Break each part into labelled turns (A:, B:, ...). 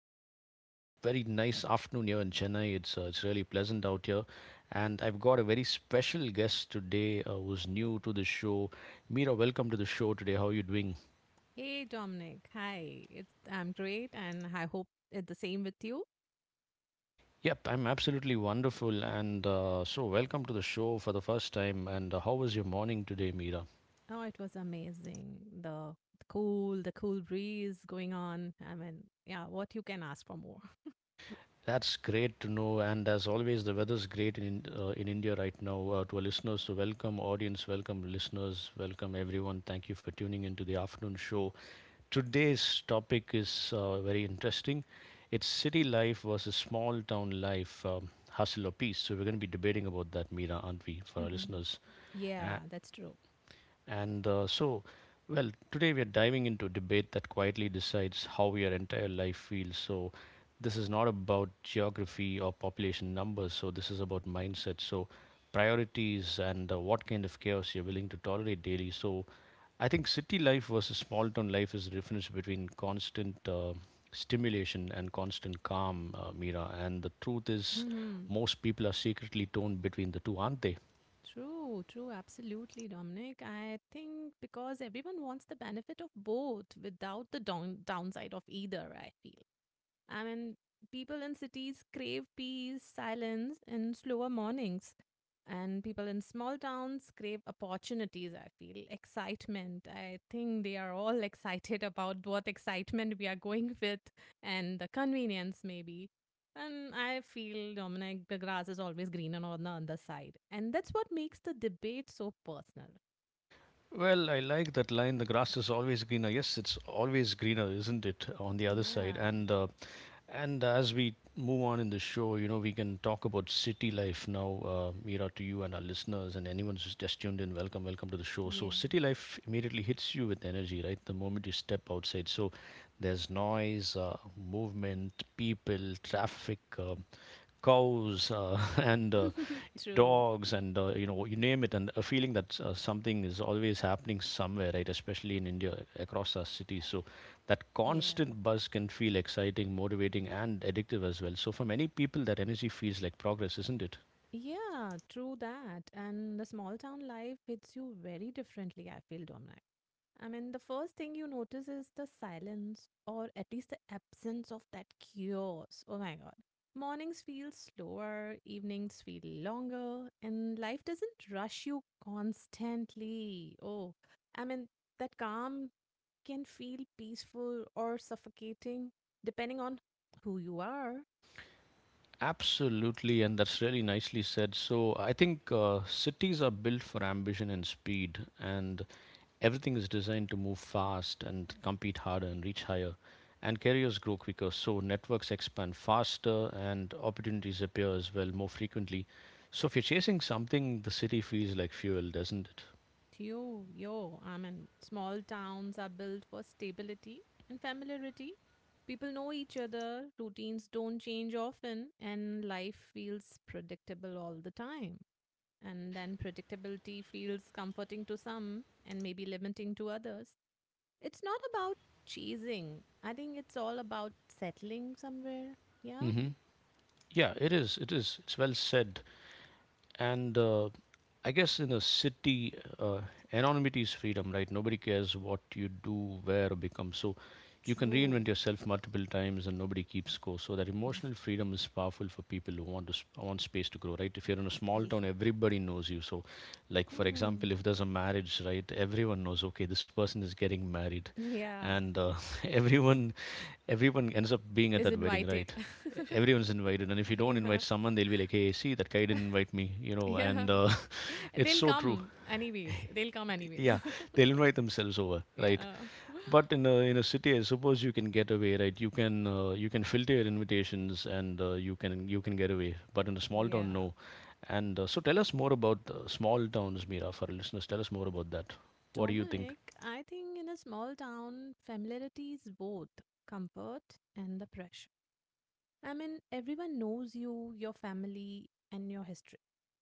A: today it's a very nice afternoon here in Chennai. It's really pleasant out here, and I've got a very special guest today who's new to the show. Mira, welcome to the show today. How are you doing?
B: Hey Dominic, hi. It's I'm great and I hope it's the same with you.
A: Yep, I'm absolutely wonderful, and so welcome to the show for the first time. And how was your morning today, Mira?
B: Oh, it was amazing. The cool breeze going on. I mean, yeah, what you can ask for more.
A: That's great to know. And as always, the weather's great in in India right now. To our listeners, so welcome audience, welcome listeners, welcome everyone. Thank you for tuning into the afternoon show. Today's topic is very interesting. It's city life versus small town life, hustle or peace. So we're going to be debating about that, Mira, aren't we, for our
B: Hmm.
A: listeners?
B: Yeah,
A: Uh,
B: that's true.
A: and uh, so, well, today we are diving into a debate that quietly decides how your entire life feels. So, this is not about geography or population numbers. So, this is about mindset. So, priorities and what kind of chaos you're willing to tolerate daily. So, I think city life versus small town life is the difference between constant stimulation and constant calm, Mira. And the truth is,
B: Mm-hmm.
A: most people are secretly torn between the two, aren't they?
B: True, true, absolutely, Dominic. I think because everyone wants the benefit of both without the downside of either, I feel. I mean, people in cities crave peace, silence, and slower mornings. And people in small towns crave opportunities, I feel. Excitement. I think they are all excited about what excitement we are going with and the convenience, maybe. And I feel, Dominic, the grass is always greener on the other side. And that's what makes the debate so personal.
A: Well, I like that line. The grass is always greener. Yes, it's always greener, isn't it? On the other side,
B: Yeah.
A: and and as we move on in the show, you know, we can talk about city life now. Mira, to you and our listeners, and anyone who's just tuned in, welcome, welcome to the show. So,
B: Yeah.
A: city life immediately hits you with energy, right? The moment you step outside, so there's noise, movement, people, traffic. Cows and
B: True.
A: dogs and you know you name it, and a feeling that something is always happening somewhere, right? Especially in India, across our cities. So that
B: Yeah.
A: constant buzz can feel exciting, motivating, and addictive as well. So for many people, that energy feels like progress, isn't it?
B: Yeah, true that. And the small town life hits you very differently, I feel, Dominic. I mean, the first thing you notice is the silence, or at least the absence of that chaos. Oh my God. Mornings feel slower, evenings feel longer, and life doesn't rush you constantly. Oh, I mean, that calm can feel peaceful or suffocating depending on who you are.
A: Absolutely, and that's really nicely said. So I think cities are built for ambition and speed, and everything is designed to move fast and compete harder and reach higher. And carriers grow quicker, so networks expand faster and opportunities appear as well more frequently. So if you're chasing something, the city feels like fuel, doesn't it?
B: Yo, yo, I mean, small towns are built for stability and familiarity. People know each other, routines don't change often, and life feels predictable all the time. And then predictability feels comforting to some and maybe limiting to others. It's not about chasing, I think it's all about settling somewhere. Yeah,
A: hmm Yeah, it is. It is. It's well said. And I guess in a city, anonymity is freedom, right? Nobody cares what you do, where, or become. So you can
B: true.
A: reinvent yourself multiple times and nobody keeps score. So that emotional freedom is powerful for people who want space to grow, right? If you're in a small
B: Yeah.
A: town, everybody knows you. So, like for
B: Mhm.
A: example, if there's a marriage, right, everyone knows. Okay, this person is getting married,
B: Yeah,
A: and everyone everyone ends up being at
B: is
A: that wedding,
B: invited.
A: right? Everyone's invited, and if you don't
B: Yeah.
A: invite someone, they'll be like, "Hey, see, that guy didn't invite me," you know.
B: Yeah.
A: And
B: And
A: It's
B: they'll
A: so true.
B: come anyways. They'll come anyways.
A: Yeah, they'll invite themselves over, right?
B: Yeah.
A: But in a city, I suppose you can get away, right? You can filter your invitations, and you can get away. But in a small town,
B: Yeah.
A: no. And so, tell us more about small towns, Mira, for our listeners. Tell us more about that. What do you think?
B: Dominic, I think in a small town, familiarity is both comfort and the pressure. I mean, everyone knows you, your family, and your history.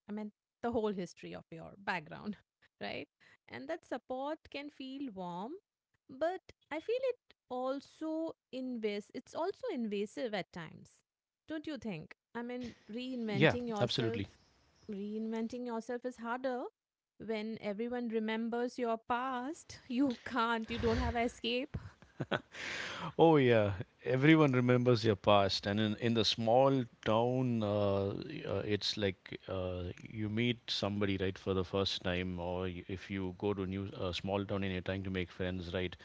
B: I mean, the whole history of your background, right? And that support can feel warm, but I feel it's also invasive at times. Don't you think? I mean,
A: Yeah,
B: reinventing yourself,
A: absolutely.
B: reinventing yourself is harder when everyone remembers your past. You can't, you don't have escape.
A: Oh yeah, everyone remembers your past, and in the small town, it's like you meet somebody, right, for the first time, or if you go to new small town and you're trying to make friends, right?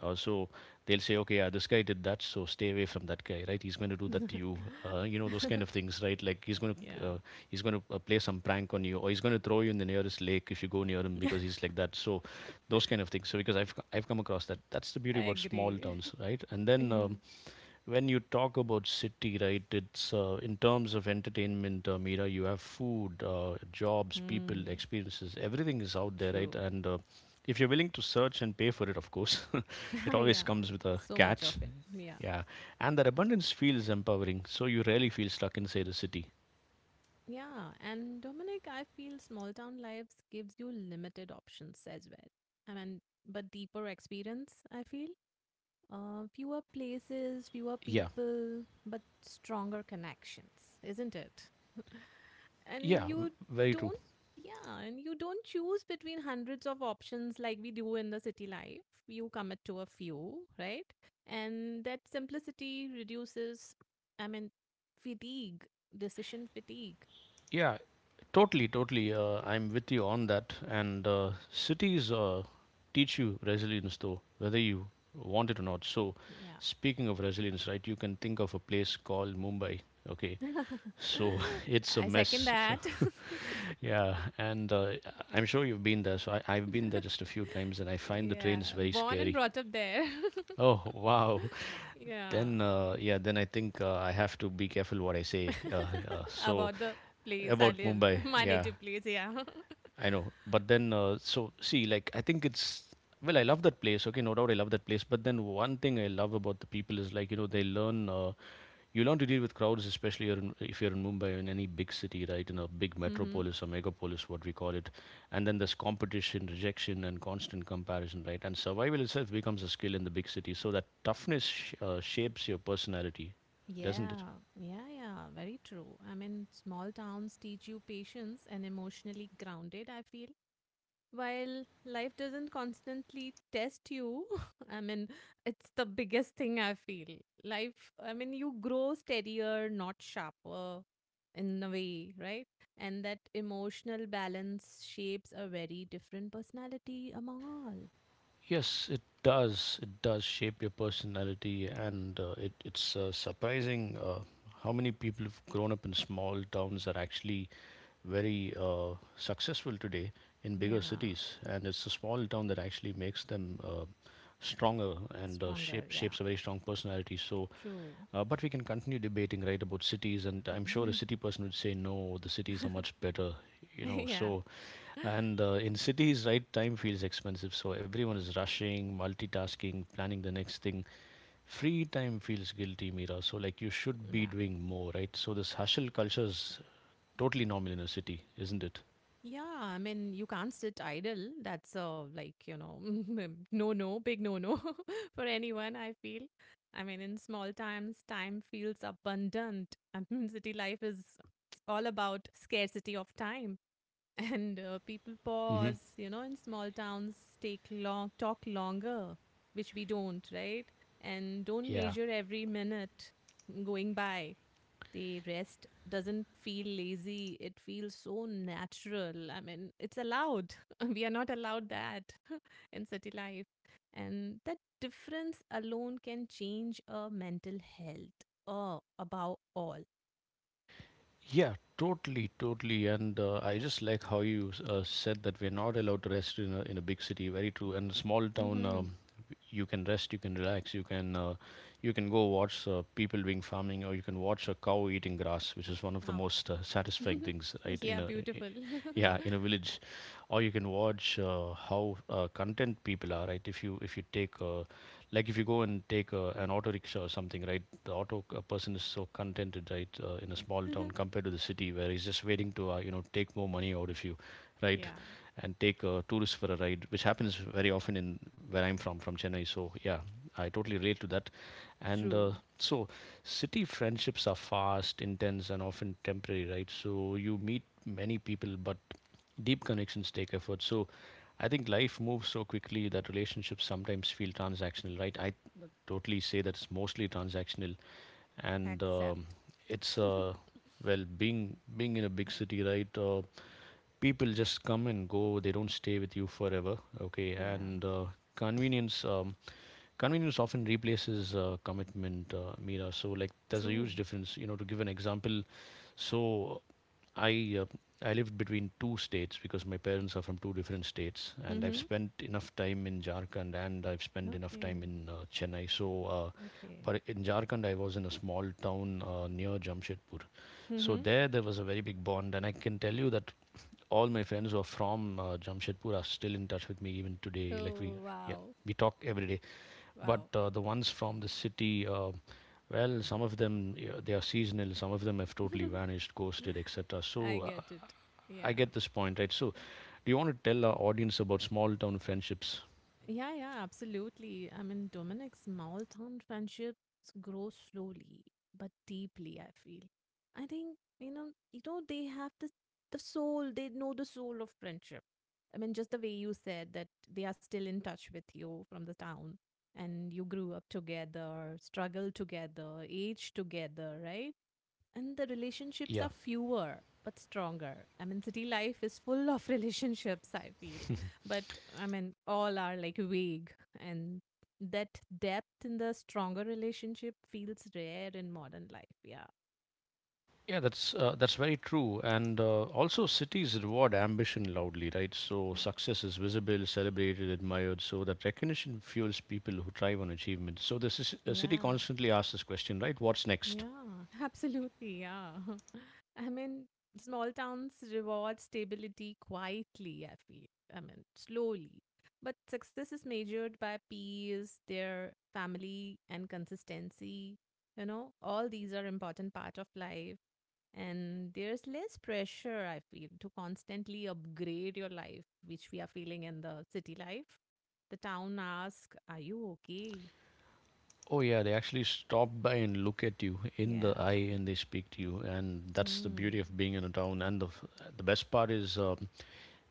A: So they'll say, okay, yeah, this guy did that, so stay away from that guy, right? He's going to do that to you, you know, those kind of things, right? Like he's going
B: Yeah,
A: to uh, play some prank on you, or he's going to throw you in the nearest lake if you go near him because he's like that. So those kind of things. So because I've come across that, that's the
B: I
A: beauty about small
B: agree.
A: towns, right? And then
B: Yeah.
A: when you talk about city, right, it's in terms of entertainment, Mira, you have food, jobs, people,
B: Hmm.
A: experiences, everything is out there, right?
B: True.
A: And if you're willing to search and pay for it, of course. It always
B: Yeah.
A: comes with a
B: So much of
A: catch,
B: it. Yeah.
A: yeah. And that abundance feels empowering, so you rarely feel stuck inside a city.
B: Yeah. And Dominic, I feel small town lives gives you limited options as well. I mean, but deeper experience, I feel. Fewer places, fewer people, but stronger connections, isn't it?
A: Yeah,
B: And you
A: very true.
B: don't Yeah, and you don't choose between hundreds of options like we do in the city life. You commit to a few, right? And that simplicity reduces, I mean, fatigue decision fatigue
A: Yeah, totally, totally. I'm with you on that. And cities teach you resilience, though, whether you want it or not. So,
B: Yeah.
A: speaking of resilience, right, you can think of a place called Mumbai, okay? So, it's a
B: I second
A: mess. So,
B: that.
A: yeah, and I'm sure you've been there. So, I've been there just a few times, and I find the
B: Yeah,
A: trains very
B: born and
A: scary.
B: brought up there.
A: Oh, wow.
B: Yeah.
A: Then, yeah, then I think I have to be careful what I say. So,
B: About the place I
A: about
B: lived,
A: Mumbai,
B: my
A: yeah,
B: native place. Yeah.
A: I know. But then, so see, like, I think it's well, I love that place. Okay, no doubt I love that place. But then, one thing I love about the people is like, you know, they learn. You learn to deal with crowds, especially if you're in Mumbai or in any big city, right? In a big
B: Hmm.
A: metropolis or megapolis, what we call it. And then there's competition, rejection, and constant comparison, right? And survival itself becomes a skill in the big city. So that toughness shapes your personality, doesn't it?
B: Yeah, yeah, yeah, very true. I mean, small towns teach you patience and emotionally grounded, I feel. While life doesn't constantly test you, I mean, it's the biggest thing I feel. Life, I mean, you grow steadier, not sharper in a way, right? And that emotional balance shapes a very different personality among all.
A: Yes, it does. It does shape your personality, and it's surprising. How many people who've grown up in small towns are actually very successful today in bigger
B: Yeah,
A: cities, and it's the small town that actually makes them stronger and
B: stronger, yeah,
A: shapes a very strong personality. So,
B: true.
A: but we can continue debating, right, about cities, and I'm sure a city person would say no, the cities are much better, you know.
B: Yeah,
A: So, and in cities, right, time feels expensive, so everyone is rushing, multitasking, planning the next thing. Free time feels guilty, Mira. So, like, you should be
B: yeah.
A: doing more, right? So, this hustle culture is totally normal in a city, isn't it?
B: Yeah, I mean, you can't sit idle. That's, like, no, no, big no, no for anyone, I feel. I mean, in small times, time feels abundant. I mean, city life is all about scarcity of time. And people
A: hmm
B: pause, in small towns, take long, talk longer, which we don't, right? And don't
A: Yeah,
B: measure every minute going by. They rest doesn't feel lazy. It feels so natural. I mean, it's allowed. We are not allowed that in city life. And that difference alone can change a mental health. Oh, above all.
A: Yeah, totally, totally. And I just like how you said that we're not allowed to rest in in a big city. Very true. And small town,
B: Mm-hmm.
A: you can rest, you can relax, you can go watch people doing farming, or you can watch a cow eating grass, which is one of the
B: Ah.
A: most satisfying things, right?
B: Yeah,
A: I-
B: beautiful.
A: yeah, in a village, or you can watch how content people are, right? If you take like, if you go and take an auto rickshaw or something, right, the person is so contented, right, in a small town compared to the city, where he's just waiting to you know, take more money out of you, right,
B: Yeah,
A: and take a tourist for a ride, which happens very often in where I'm from Chennai. So yeah, I totally relate to that. And
B: true.
A: so city friendships are fast, intense, and often temporary, right? So you meet many people, but deep connections take effort. So I think life moves so quickly that relationships sometimes feel transactional, right? I totally say that it's mostly transactional, and
B: Accept.
A: it's well, being in a big city, right? People just come and go; they don't stay with you forever, okay?
B: Yeah,
A: And convenience. Convenience often replaces commitment, Mira. So, like, there's a
B: true.
A: huge difference. You know, to give an example, so I uh, I lived between two states because my parents are from two different states, and I've
B: Mm-hmm.
A: spent enough time in Jharkhand and I've spent enough time
B: Okay,
A: in Chennai. So,
B: okay.
A: but in Jharkhand, I was in a small town near Jamshedpur. So
B: Mm-hmm.
A: there was a very big bond, and I can tell you that all my friends who are from Jamshedpur are still in touch with me even today.
B: Oh,
A: Yeah,
B: wow,
A: we talk every day. But
B: wow.
A: the ones from the city, well, some of them, yeah, they are seasonal, some of them have totally vanished, ghosted, etc.
B: I
A: So
B: get it.
A: I
B: Yeah.
A: get this point, right? So do you want to tell our audience about small town friendships?
B: Yeah, yeah, absolutely. I mean, Dominic's small town friendships grow slowly but deeply, I feel. I think, you know, they have the soul, they know the soul of friendship. I mean, just the way you said that they are still in touch with you from the town and you grew up together, struggled together, aged together, right? And the relationships
A: Yeah,
B: are fewer but stronger. I mean, city life is full of relationships, I feel. But I mean, all are like vague, and that depth in the stronger relationship feels rare in modern life. Yeah.
A: yeah, that's very true. And also, cities reward ambition loudly, right? So success is visible, celebrated, admired. So that recognition fuels people who thrive on achievement. So the city
B: Yeah.
A: constantly asks this question, right? What's next?
B: Yeah, absolutely. Yeah. I mean, small towns reward stability quietly, I feel. I mean, slowly. But success is measured by peers, their family, and consistency. You know, all these are important part of life. And there's less pressure, I feel, to constantly upgrade your life, which we are feeling in the city life. The town asks, are you okay?
A: Oh yeah, they actually stop by and look at you in the
B: Yeah.
A: eye, and they speak to you, and that's the
B: Hmm.
A: beauty of being in a town. And the best part is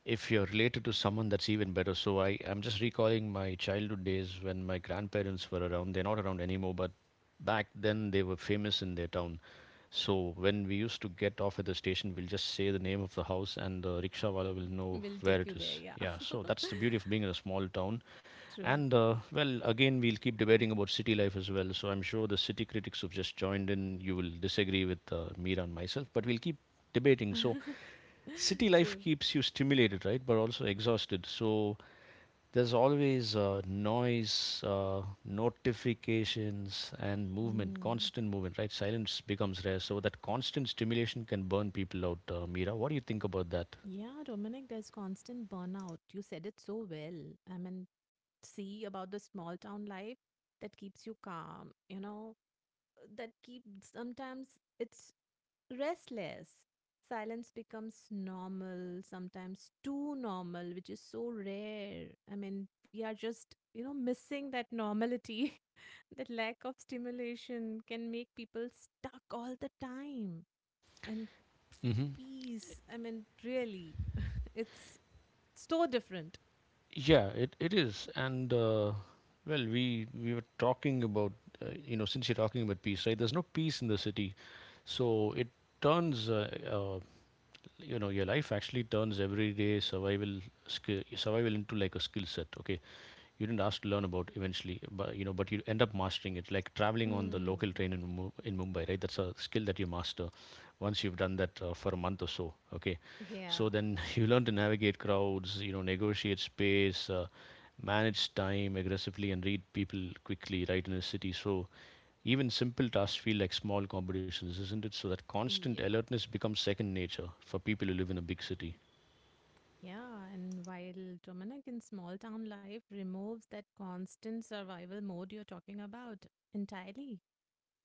A: if you're related to someone, that's even better. So I'm just recalling my childhood days when my grandparents were around. They're not around anymore, but back then they were famous in their town. So when we used to get off at the station, we'll just say the name of the house and the rickshaw wala will know
B: Will
A: where
B: take
A: it
B: you
A: is.
B: there, yeah.
A: Yeah, so that's the beauty of being in a small town.
B: True.
A: And well, again, we'll keep debating about city life as well. So I'm sure the city critics who've just joined in, you will disagree with me and myself, but we'll keep debating. So city life
B: True.
A: keeps you stimulated, right, but also exhausted. So there's always noise, notifications and movement,
B: Hmm.
A: constant movement, right? Silence becomes rare, so that constant stimulation can burn people out. Mira, what do you think about that?
B: Yeah, Dominic, there's constant burnout. You said it so well. I mean, see about the small town life that keeps you calm, you know, that keeps, sometimes it's restless. Silence becomes normal, sometimes too normal, which is so rare. I mean, we are just missing that normality. That lack of stimulation can make people stuck all the time. And
A: Hmm.
B: peace, I mean, really, it's so different.
A: Yeah, it is. And well, we were talking about you know, since you're talking about peace, right? There's no peace in the city, so it turns uh, you know, your life actually turns everyday survival, skill survival, into like a skill set. Okay, you didn't ask to learn about eventually, but you know, but you end up mastering it. Like traveling on the
B: Hmm.
A: local train in Mumbai, right? That's a skill that you master once you've done that for a month or so. Okay,
B: Yeah.
A: so then you learn to navigate crowds, you know, negotiate space. Manage time aggressively and read people quickly, right, in a city. So even simple tasks feel like small competitions, isn't it? So that constant
B: Yeah.
A: alertness becomes second nature for people who live in a big city.
B: Yeah. And while Dominic in small town life removes that constant survival mode you're talking about entirely,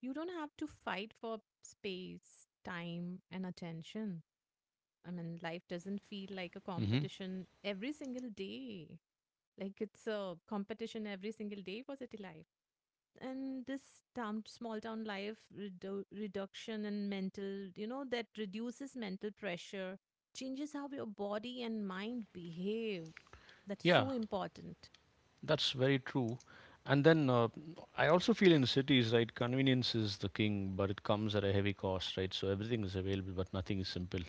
B: you don't have to fight for space, time, and attention. I mean, life doesn't feel like a
A: Hmm.
B: competition every single day. Like it's a competition every single day for city life. And this town, small town life reduction and mental, that reduces mental pressure, changes how your body and mind behave. That's
A: Yeah,
B: so important.
A: that's very true. And then I also feel in cities, right, convenience is the king, but it comes at a heavy cost, right? So everything is available, but nothing is simple.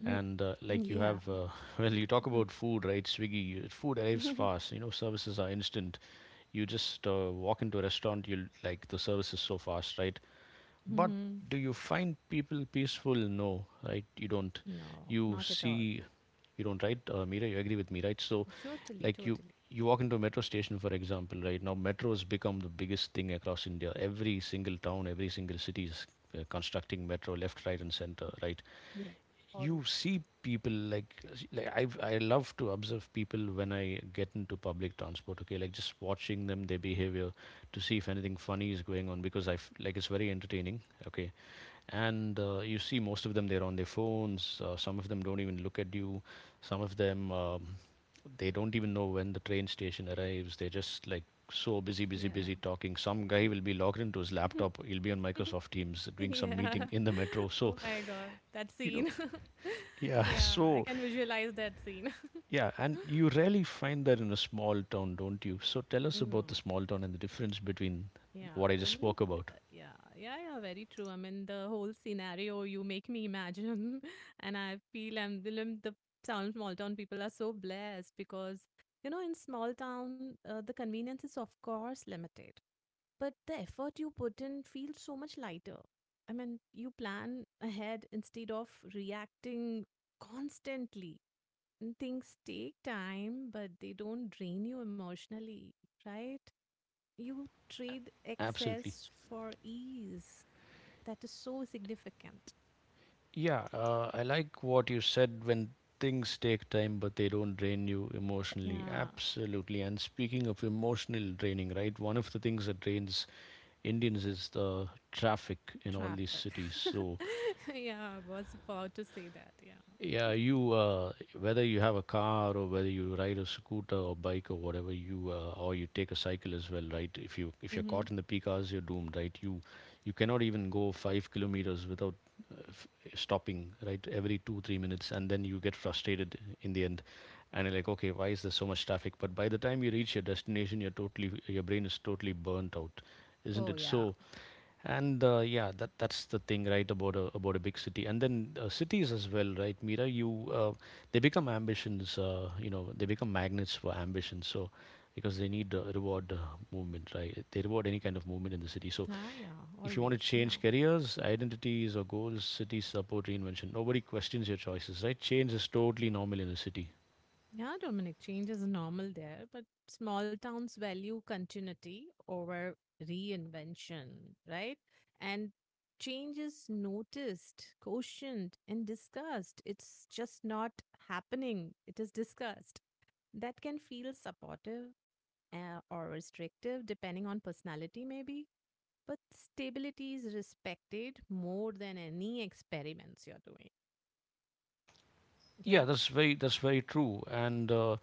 B: Mhm.
A: And like you
B: Yeah.
A: have, well, you talk about food, right? Swiggy food arrives fast, you know, services are instant. You just walk into a restaurant, you like the service is so fast, right? But
B: Mhm.
A: do you find people peaceful? No, right? You don't.
B: No,
A: You
B: not at all.
A: see, you don't, right? Mira, you agree with me, right? So
B: Totally,
A: like you
B: totally.
A: you walk into a metro station, for example. Right now metro has become the biggest thing across India. Every single town, every single city is constructing metro left, right and center, right?
B: Yeah. Oh,
A: You see people like like I love to observe people when I get into public transport. Okay, like just watching them, their behavior, to see if anything funny is going on, because like, it's very entertaining. Okay, and you see most of them, they're on their phones. Some of them don't even look at you. Some of them they don't even know when the train station arrives. They're just like so busy, busy,
B: yeah.
A: busy talking. Some guy will be logged into his laptop. He'll be on Microsoft Teams doing some
B: Yeah.
A: meeting in the metro. So
B: Oh my God, that
A: you know,
B: scene.
A: yeah.
B: Yeah, I
A: So
B: can visualize that scene.
A: yeah, and you rarely find that in a small town, don't you? So tell us about
B: No.
A: the small town and the difference between
B: Yeah,
A: what I just
B: Dominic.
A: spoke about.
B: Yeah, yeah, yeah, very true. I mean, the whole scenario you make me imagine, and I feel I'm the town, small town people are so blessed because, in small town, the convenience is, of course, limited, but the effort you put in feels so much lighter. I mean, you plan ahead instead of reacting constantly. And things take time, but they don't drain you emotionally, right? You trade
A: Absolutely.
B: excess for ease. That is so significant.
A: Yeah, I like what you said when things take time but they don't drain you emotionally.
B: Yeah,
A: Absolutely. And speaking of emotional draining, right? One of the things that drains Indians is the traffic in all these
B: traffic.
A: cities. So
B: Yeah, I was about to say that. Yeah.
A: yeah, you whether you have a car or whether you ride a scooter or bike or whatever, you or you take a cycle as well, right? If you're
B: Mm-hmm.
A: caught in the peak hours, you're doomed, right? You cannot even go 5 kilometers without stopping, right, every 2-3 minutes, and then you get frustrated in the end, and you're like, okay, why is there so much traffic? But by the time you reach your destination, you're totally your brain is totally burnt out, isn't
B: Oh,
A: it?
B: yeah.
A: So and yeah, that's the thing, right, about a big city. And then cities as well, right? Mira, you they become ambitions, you know, they become magnets for ambition. So because they need reward movement, right? They reward any kind of movement in the city. So
B: Ah, yeah,
A: if you want to
B: always. Yeah.
A: change careers, identities, or goals, cities support reinvention. Nobody questions your choices, right? Change is totally normal in a city.
B: Yeah, Dominic, change is normal there, but small towns value continuity over reinvention, right? And change is noticed, cautioned, and discussed. It's just not happening, it is discussed. That can feel supportive or restrictive depending on personality, maybe. But stability is respected more than any experiments you're doing.
A: Yeah,
B: Yeah.
A: that's very true. And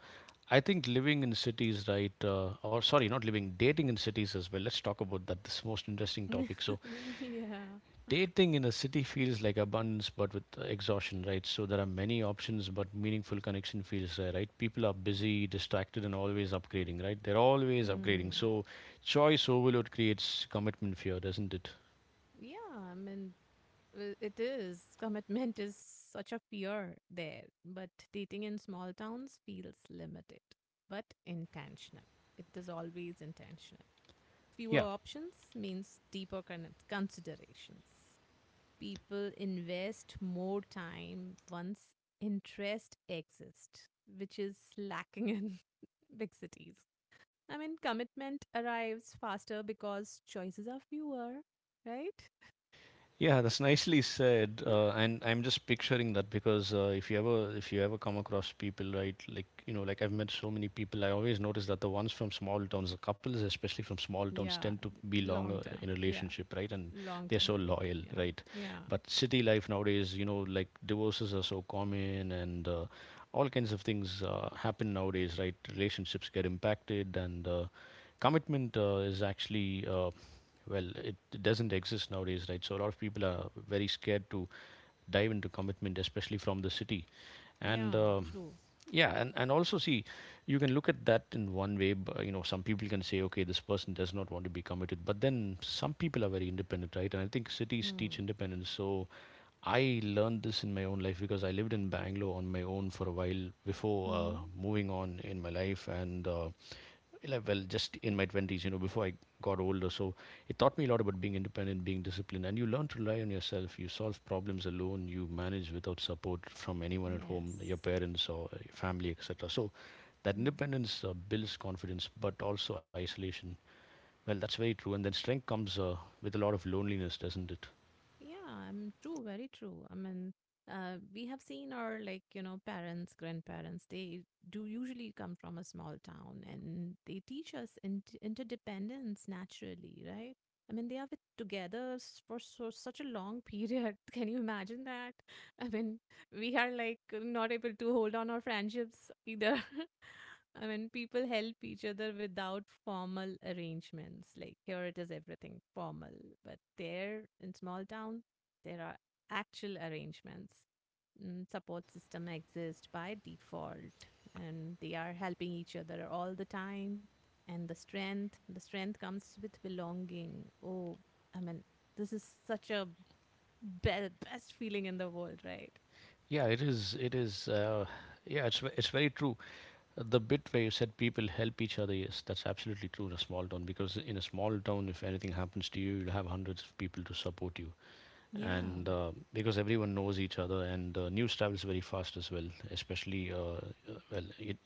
A: I think living in cities, right? Or sorry, not living, dating in cities as well. Let's talk about that. This most interesting topic. So
B: Yeah.
A: dating in a city feels like abundance, but with exhaustion, right? So there are many options, but meaningful connection feels rare, right? People are busy, distracted, and always upgrading, right? They're always
B: Hmm.
A: upgrading. So choice overload creates commitment fear, doesn't it?
B: Yeah. I mean, it is. Commitment is such a fear there. But dating in small towns feels limited, but intentional. It is always intentional. Fewer
A: Yeah.
B: options means deeper considerations. People invest more time once interest exists, which is lacking in big cities. I mean, commitment arrives faster because choices are fewer, right?
A: Yeah, that's nicely said. And I'm just picturing that, because if you ever come across people, right, like, you know, like, I've met so many people, I always notice that the ones from small towns, the couples especially from small towns,
B: Yeah,
A: tend to be
B: long
A: longer in
B: term.
A: a
B: Yeah,
A: relationship, right? And
B: long
A: they're
B: term
A: so
B: relationship.
A: loyal,
B: Yeah,
A: right?
B: yeah,
A: But city life nowadays, you know, like divorces are so common, and all kinds of things happen nowadays, right? Relationships get impacted, and commitment is actually, well, it doesn't exist nowadays, right? So a lot of people are very scared to dive into commitment, especially from the city. And
B: yeah, true.
A: yeah, and also see, you can look at that in one way. You know, some people can say, okay, this person does not want to be committed, but then some people are very independent, right? And I think cities teach
B: Mm.
A: independence. So I learned this in my own life, because I lived in Bangalore on my own for a while before
B: Hmm. Mm-hmm.
A: moving on in my life, and like, well, just in my 20s, you know, before I got older. So it taught me a lot about being independent, being disciplined. And you learn to rely on yourself. You solve problems alone. You manage without support from anyone at home, your
B: Yes.
A: parents or family, etc. So that
B: Mm.
A: independence builds confidence, but also isolation. Well, that's very true. And then strength comes with a lot of loneliness, doesn't it?
B: Yeah, I'm true, very true. I mean, we have seen our, like, you know, parents, grandparents, they do usually come from a small town and they teach us interdependence naturally, right? I mean, they are with, together for so, such a long period. Can you imagine that? I mean, we are like not able to hold on our friendships either. I mean, people help each other without formal arrangements. Like here it is everything formal, but there in small town, there are actual arrangements. Mm. Support system exist by default and they are helping each other all the time. And the strength comes with belonging. Oh, I mean, this is such a best feeling in the world, right?
A: Yeah, it is. It is. Yeah, it's very true. The bit where you said people help each other, yes, that's absolutely true in a small town, because in a small town, if anything happens to you, you'll have hundreds of people to support you.
B: Yeah.
A: And because everyone knows each other, and news travels very fast as well, especially well, it,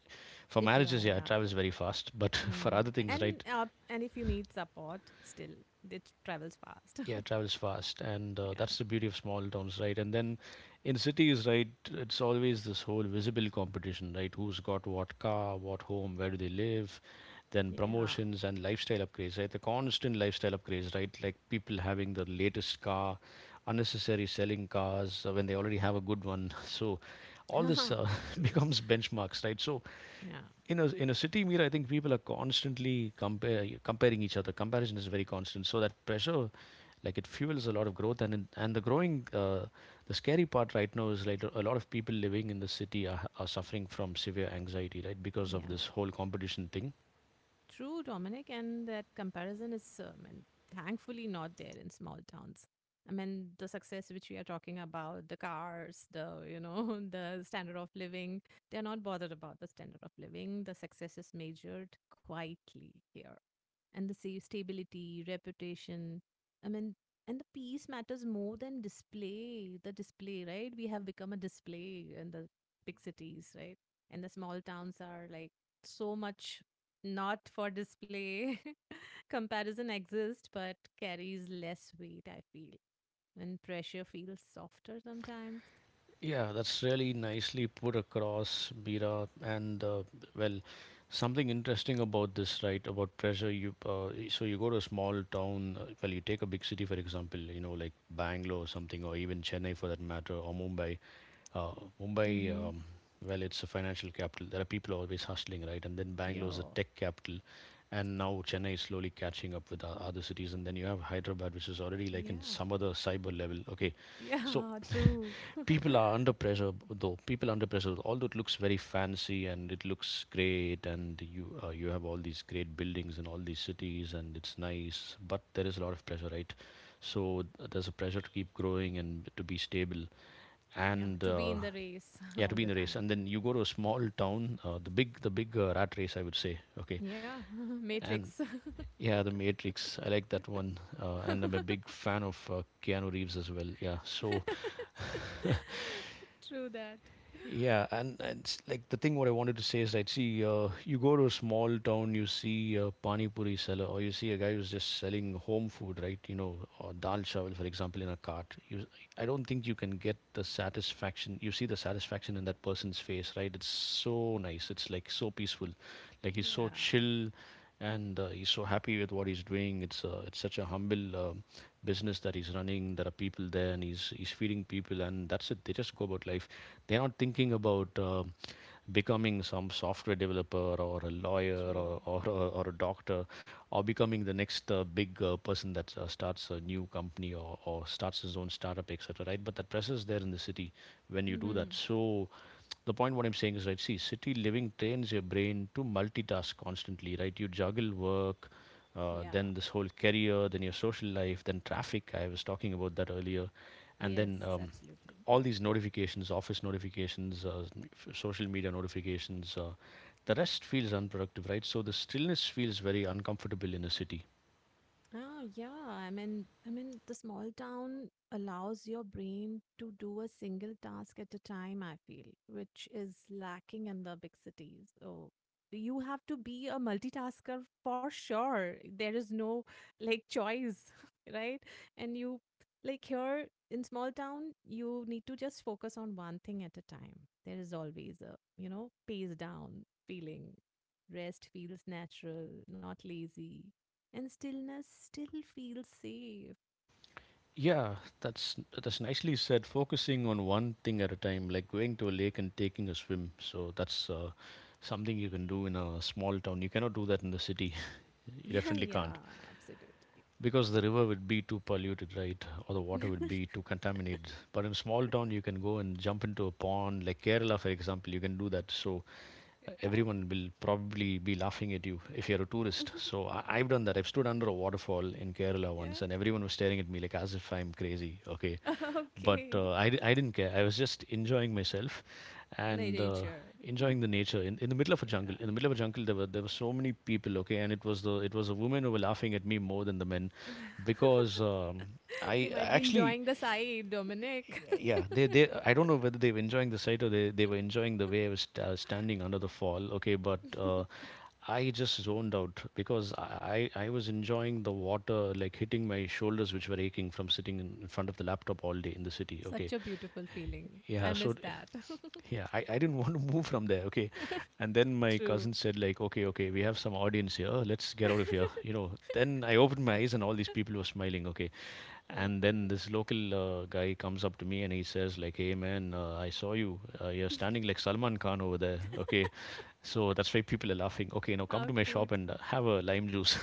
A: for
B: If you
A: marriages,
B: are,
A: yeah, it
B: yeah.
A: travels very fast. But for
B: Mm.
A: other things,
B: And
A: right,
B: uh, and if you need support, still it travels fast.
A: yeah, travels fast. And
B: Yeah,
A: that's the beauty of small towns, right? And then in cities, right, it's always this whole visible competition, right? Who's got what car, what home, where do they live? Then
B: yeah,
A: promotions and lifestyle upgrades, right, the constant lifestyle upgrades, right, like people having the latest car, unnecessary selling cars when they already have a good one. so all this
B: true.
A: becomes benchmarks, right? So
B: Yeah,
A: in a city, mirror, I think people are constantly comparing each other. Comparison is very constant. So that pressure, like, it fuels a lot of growth, and and the growing, the scary part right now is, like, a lot of people living in the city are suffering from severe anxiety, right? Because of
B: yeah,
A: this whole competition thing.
B: true, Dominic. And that comparison is, and thankfully, not there in small towns. I mean, the success which we are talking about, the cars, the the standard of living. They are not bothered about the standard of living. The success is measured quietly here. And the stability, reputation. I mean, and the peace matters more than display. The display, right? We have become a display in the big cities, right? And the small towns are like so much not for display. Comparison exists, but carries less weight, I feel. And pressure feels softer sometimes.
A: Yeah, that's really nicely put across, Bira. And well, something interesting about this, right? About pressure. So you go to a small town. Well, you take a big city, for example. You know, like Bangalore or something, or even Chennai for that matter, or Mumbai. Uh, Mumbai.
B: Mm-hmm.
A: Well, it's a financial capital. There are people always hustling, right? And then Bangalore is a
B: Yeah.
A: tech capital, and now Chennai is slowly catching up with other cities, and then you have Hyderabad, which is already like in
B: Yeah.
A: some other cyber level. Okay, so
B: Yeah. True.
A: people are under pressure, though. People are under pressure, although it looks very fancy and it looks great, and you you have all these great buildings in all these cities, and it's nice, but there is a lot of pressure, right? So there's a pressure to keep growing and to be stable,
B: Yeah.
A: and
B: To be in the race
A: yeah, to
B: all
A: be
B: the
A: in the race.
B: time.
A: And then you go to a small town, the big rat race, I would say. Okay,
B: Yeah,
A: and
B: Matrix.
A: yeah, The Matrix. I like that one, and I'm a big fan of Keanu Reeves as well. Yeah, so
B: True that.
A: yeah, and it's like the thing what I wanted to say is that see, you go to a small town, you see a pani puri seller, or you see a guy who's just selling home food, right? Or dal chawal, for example, in a cart. I don't think you can get the satisfaction. You see the satisfaction in that person's face, right? It's so nice. It's like so peaceful, like he's so
B: Yeah,
A: chill and he's so happy with what he's doing. It's such a humble business that he's running. There are people there, and he's feeding people, and that's it. They just go about life. They're not thinking about becoming some software developer or a lawyer
B: true.
A: or a doctor or becoming the next big person that starts a new company or starts his own startup, etc. Right? But that pressure is there in the city when you do that.
B: Hmm.
A: So the point what I'm saying is, right, see, city living trains your brain to multitask constantly, right? You juggle work,
B: Yeah.
A: then this whole career, then your social life, then traffic. I was talking about that earlier. And
B: Yes,
A: then
B: absolutely.
A: All these notifications, office notifications, social media notifications. The rest feels unproductive, right? So the stillness feels very uncomfortable in a city.
B: Oh, yeah. I mean, the small town allows your brain to do a single task at a time, I feel, which is lacking in the big cities. So you have to be a multitasker for sure. There is no like choice, right? And you like here in small town, you need to just focus on one thing at a time. There is always a, pace down feeling. Rest feels natural, not lazy and stillness still feels safe.
A: Yeah, that's nicely said. Focusing on one thing at a time, like going to a lake and taking a swim. So that's something you can do in a small town. You cannot do that in the city. You
B: Yeah,
A: definitely
B: yeah,
A: can't,
B: absolutely.
A: because the river would be too polluted, right? Or the water would be too contaminated. But in small town, you can go and jump into a pond, like Kerala, for example. You can do that. So everyone will probably be laughing at you if you're a tourist. So I've done that. I've stood under a waterfall in Kerala
B: Yeah, yeah.
A: once, and everyone was staring at me like as if I'm crazy. Okay, but
B: Okay.
A: I didn't care. I was just enjoying myself and
B: Nature.
A: enjoying the nature in the middle of a jungle.
B: Yeah.
A: In the middle of a jungle, there were so many people. Okay, and it was the, it was the women who were laughing at me more than the men, because
B: They
A: I
B: might be
A: actually,
B: enjoying the sight, Dominic.
A: yeah, they I don't know whether they were enjoying the sight or they were enjoying the way I was standing under the fall. Okay, but. I just zoned out because I was enjoying the water like hitting my shoulders which were aching from sitting in front of the laptop all day in the city. Okay,
B: Such a beautiful feeling. I
A: yeah, so
B: miss that.
A: yeah, I didn't want to move from there. Okay, and then my
B: True.
A: cousin said like, okay, okay, we have some audience here, let's get out of here. You know, then I opened my eyes and all these people were smiling. Okay, and
B: Okay.
A: then this local guy comes up to me and he says like, hey man, I saw you, you're standing like Salman Khan over there. Okay, so that's why people are laughing. Okay, now come
B: How
A: to my shop
B: cute.
A: and have a lime juice.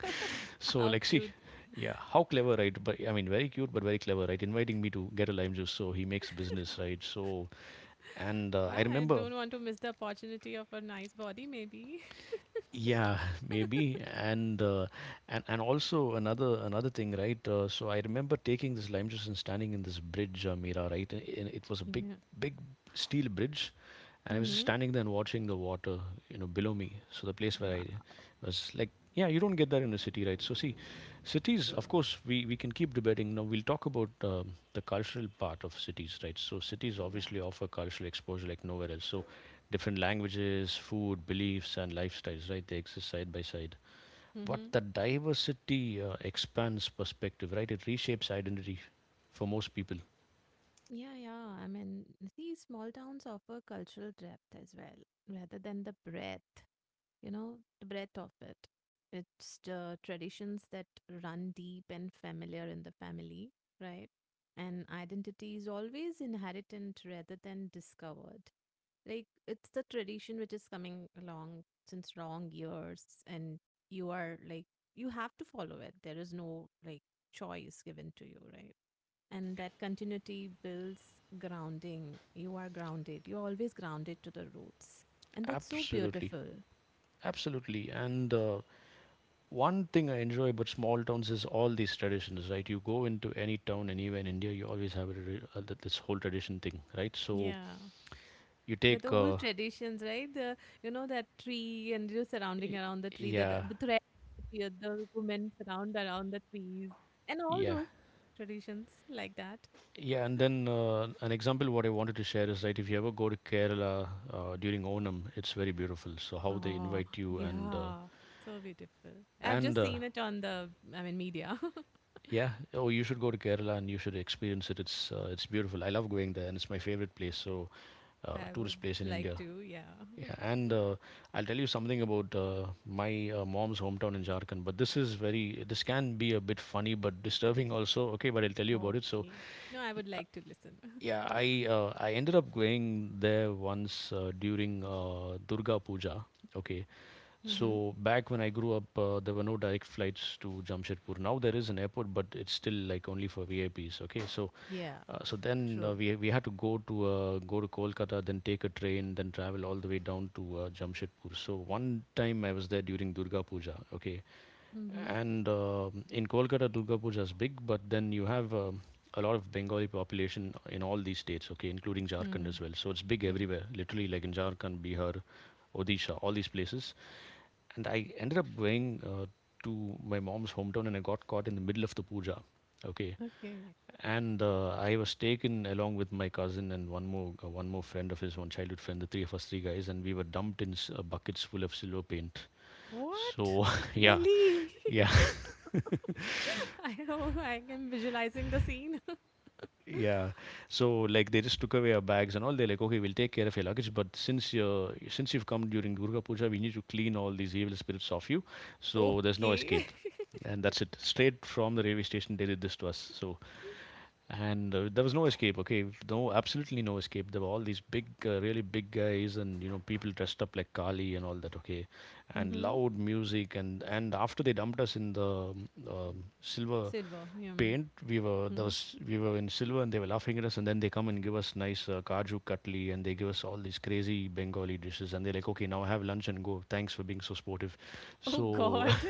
A: So,
B: How
A: like, see,
B: cute.
A: yeah, how clever, right? But I mean, very cute, but very clever, right? Inviting me to get a lime juice, so he makes business, right? So, and
B: Wow,
A: I
B: I
A: remember,
B: don't want to miss the opportunity of a nice body, maybe.
A: yeah, maybe. And also another thing, right? So I remember taking this lime juice and standing in this bridge, Mira, right? And it was a big
B: Yeah.
A: big steel bridge, and I was just
B: Mm-hmm.
A: standing there and watching the water, you know, below me. So the place where I
B: Wow.
A: was like, yeah, you don't get that in a city, right? So see, cities, of
B: True.
A: course, we can keep debating. Now we'll talk about the cultural part of cities, right? So cities
B: Yeah.
A: obviously offer cultural exposure like nowhere else. So different languages, food, beliefs, and lifestyles, right? They exist side by side. But
B: Mm-hmm.
A: the diversity expands perspective, right? It reshapes identity for most people.
B: Yeah, yeah. I mean, see, small towns offer cultural depth as well, rather than the breadth, you know, the breadth of it. It's the traditions that run deep and familiar in the family, right? And identity is always inheritant rather than discovered. Like, it's the tradition which is coming along since long years, and you are like, you have to follow it. There is no like choice given to you, right? And that continuity builds grounding. You are grounded. You're always grounded to the roots. And that's so
A: Absolutely.
B: beautiful.
A: Absolutely. And one thing I enjoy about small towns is all these traditions, right? You go into any town anywhere in India, you always have a, this whole tradition thing, right? So
B: Yeah.
A: you
B: That the
A: take,
B: old traditions, right? The you know that tree and you surrounding
A: y-
B: around the tree, that
A: yeah,
B: the thread appear, the women surround around the trees and all
A: yeah.
B: those traditions like that.
A: Yeah, and then an example what I wanted to share is, right, if you ever go to Kerala during Onam, it's very beautiful. So how they
B: Oh,
A: invite you
B: yeah. So beautiful. I've
A: and
B: just seen it on the I mean media.
A: yeah, oh you should go to Kerala and you should experience it. It's beautiful. I love going there and it's my favorite place. So
B: I
A: tourist
B: would
A: place in India.
B: like to, yeah.
A: Yeah, and I'll tell you something about my mom's hometown in Jharkhand. But this is very, this can be a bit funny but disturbing also. Okay, but I'll tell you about it. So
B: Okay. No, I would like to listen.
A: yeah, I ended up going there once during Durga Puja. Okay,
B: Mm-hmm.
A: so back when I grew up, there were no direct flights to Jamshedpur. Now there is an airport, but it's still like only for VIPs. Okay, so
B: Yeah,
A: so then
B: true.
A: we had to go to Kolkata, then take a train, then travel all the way down to Jamshedpur. So one time I was there during Durga Puja. Okay,
B: Mm-hmm.
A: and in Kolkata, Durga Puja is big, but then you have a lot of Bengali population in all these states, okay, including Jharkhand as
B: Hmm.
A: well. So it's big
B: Yeah.
A: everywhere, literally like in Jharkhand, Bihar, Odisha, all these places. And I ended up going to my mom's hometown and I got caught in the middle of the puja, okay.
B: Okay.
A: And I was taken along with my cousin and one more friend of his, one childhood friend, the three of us, three guys, and we were dumped in buckets full of silver paint. So
B: What?
A: yeah,
B: Really?
A: yeah,
B: I know I am visualizing the scene.
A: yeah. So like they just took away our bags and all. They're like, okay, we'll take care of your luggage, but since you've come during Durga Puja, we need to clean all these evil spirits off you. So there's no
B: Okay.
A: escape, and that's it. Straight from the railway station, they did this to us. So. And there was no escape. Okay, no, absolutely no escape. There were all these big, really big guys, and you know, people dressed up like Kali and all that. Okay, and
B: Mm-hmm.
A: loud music, and after they dumped us in the silver
B: Silver. Yeah.
A: paint. We were, there
B: Mm-hmm.
A: was we were in silver, and they were laughing at us. And then they come and give us nice kaju katli, and they give us all these crazy Bengali dishes. And they're like, "Okay, now have lunch and go. Thanks for being so sportive."
B: Oh
A: So
B: god.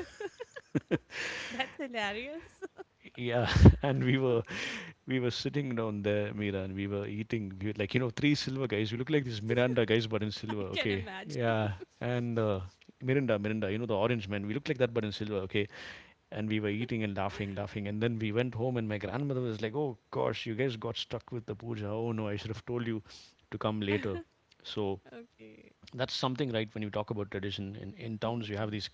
B: That's hilarious.
A: yeah, and we were sitting down there, Mira, and we were eating. We were like, you know, three silver guys. We look like these Miranda guys, but in
B: I
A: silver.
B: can
A: Okay,
B: imagine.
A: yeah, and. Mirinda, Mirinda, you know the orange man. We look like that, but in silver. Okay, and we were eating and laughing, laughing. And then we went home, and my grandmother was like, "Oh gosh, you guys got stuck with the puja. Oh no, I should have told you to come later." So
B: Okay.
A: that's something, right? When you talk about tradition in towns, you have
B: Mm-hmm.
A: these.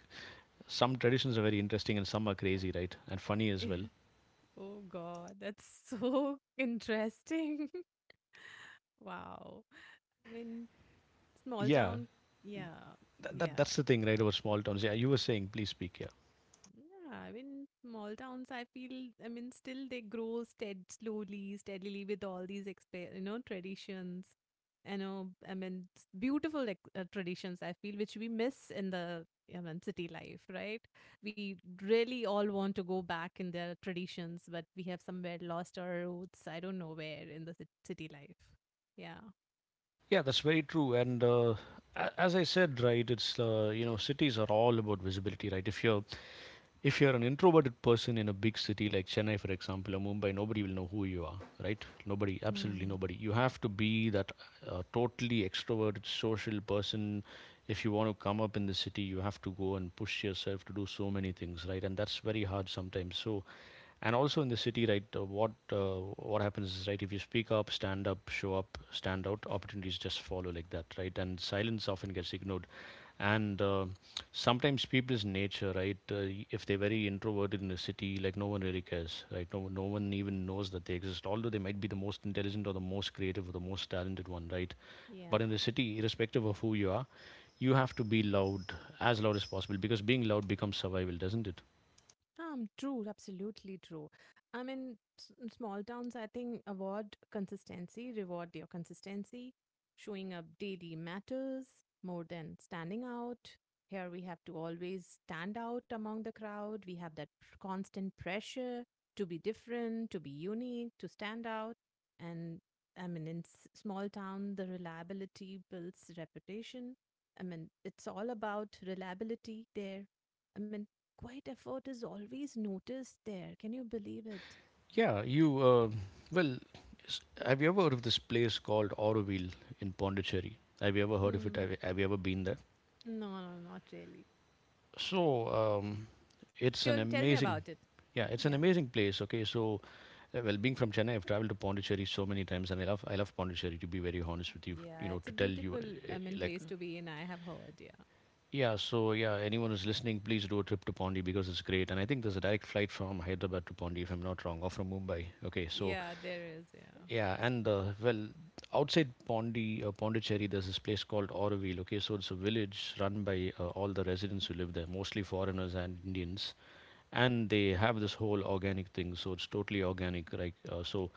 A: Some traditions are very interesting, and some are crazy, right? And funny as
B: Yeah.
A: well.
B: Oh god, that's so interesting. Wow. I mean, small
A: Yeah,
B: town. Yeah. Yeah.
A: that's the thing, right? About small towns. Yeah, you were saying, please speak. Yeah,
B: Yeah. I mean, small towns, I feel, I mean, still they grow stead slowly, steadily with all these, you know, traditions. You know, I mean, beautiful like, traditions, I feel, which we miss in the, I mean, city life, right? We really all want to go back in their traditions, but we have somewhere lost our roots. I don't know where in the city life. Yeah.
A: yeah, that's very true. And as I said, right, it's you know, cities are all about visibility, right? If you're an introverted person in a big city like Chennai, for example, or Mumbai, nobody will know who you are, right? Nobody, absolutely
B: Hmm.
A: nobody. You have to be that totally extroverted, social person. If you want to come up in the city, you have to go and push yourself to do so many things, right? And that's very hard sometimes. So, and also in the city, right? What happens is, right? If you speak up, stand up, show up, stand out, opportunities just follow like that, right? And silence often gets ignored and sometimes people's nature, if they're very introverted in the city, like no one really cares, right? No, no one even knows that they exist, although they might be the most intelligent or the most creative or the most talented one, right? But
B: Yeah.
A: in the city, irrespective of who you are, you have to be loud, as loud as possible, because being loud becomes survival, doesn't it?
B: True, absolutely true. I mean, in small towns, I think award consistency, reward your consistency. Showing up daily matters more than standing out. Here we have to always stand out among the crowd. We have that constant pressure to be different, to be unique, to stand out. And I mean, in small town, the reliability builds reputation. I mean, it's all about reliability there. I mean, quiet effort is always noticed there. Can you believe it?
A: Yeah you uh, well s- Have you ever heard of this place called Auroville in Pondicherry? Have you ever heard of it?
B: Mm.
A: Have you ever been there?
B: No, no, not really.
A: So um, it's an
B: Tell, tell me
A: amazing
B: about it.
A: Yeah, it's an
B: Yeah.
A: amazing place. Okay, so being from Chennai, I've traveled to Pondicherry so many times, and I love Pondicherry. To be very honest with you, you
B: Yeah,
A: know,
B: it's a
A: to tell you,
B: beautiful, I mean, place to be in, I have heard. Yeah.
A: yeah. So yeah, anyone who's listening, please do a trip to Pondi because it's great. And I think there's a direct flight from Hyderabad to Pondi, if I'm not wrong, or from Mumbai. Okay, so
B: Yeah, there is. Yeah.
A: yeah, outside Pondi, Pondicherry, there's this place called Auroville. Okay, so it's a village run by all the residents who live there, mostly foreigners and Indians, and they have this whole organic thing. So it's totally organic, right? So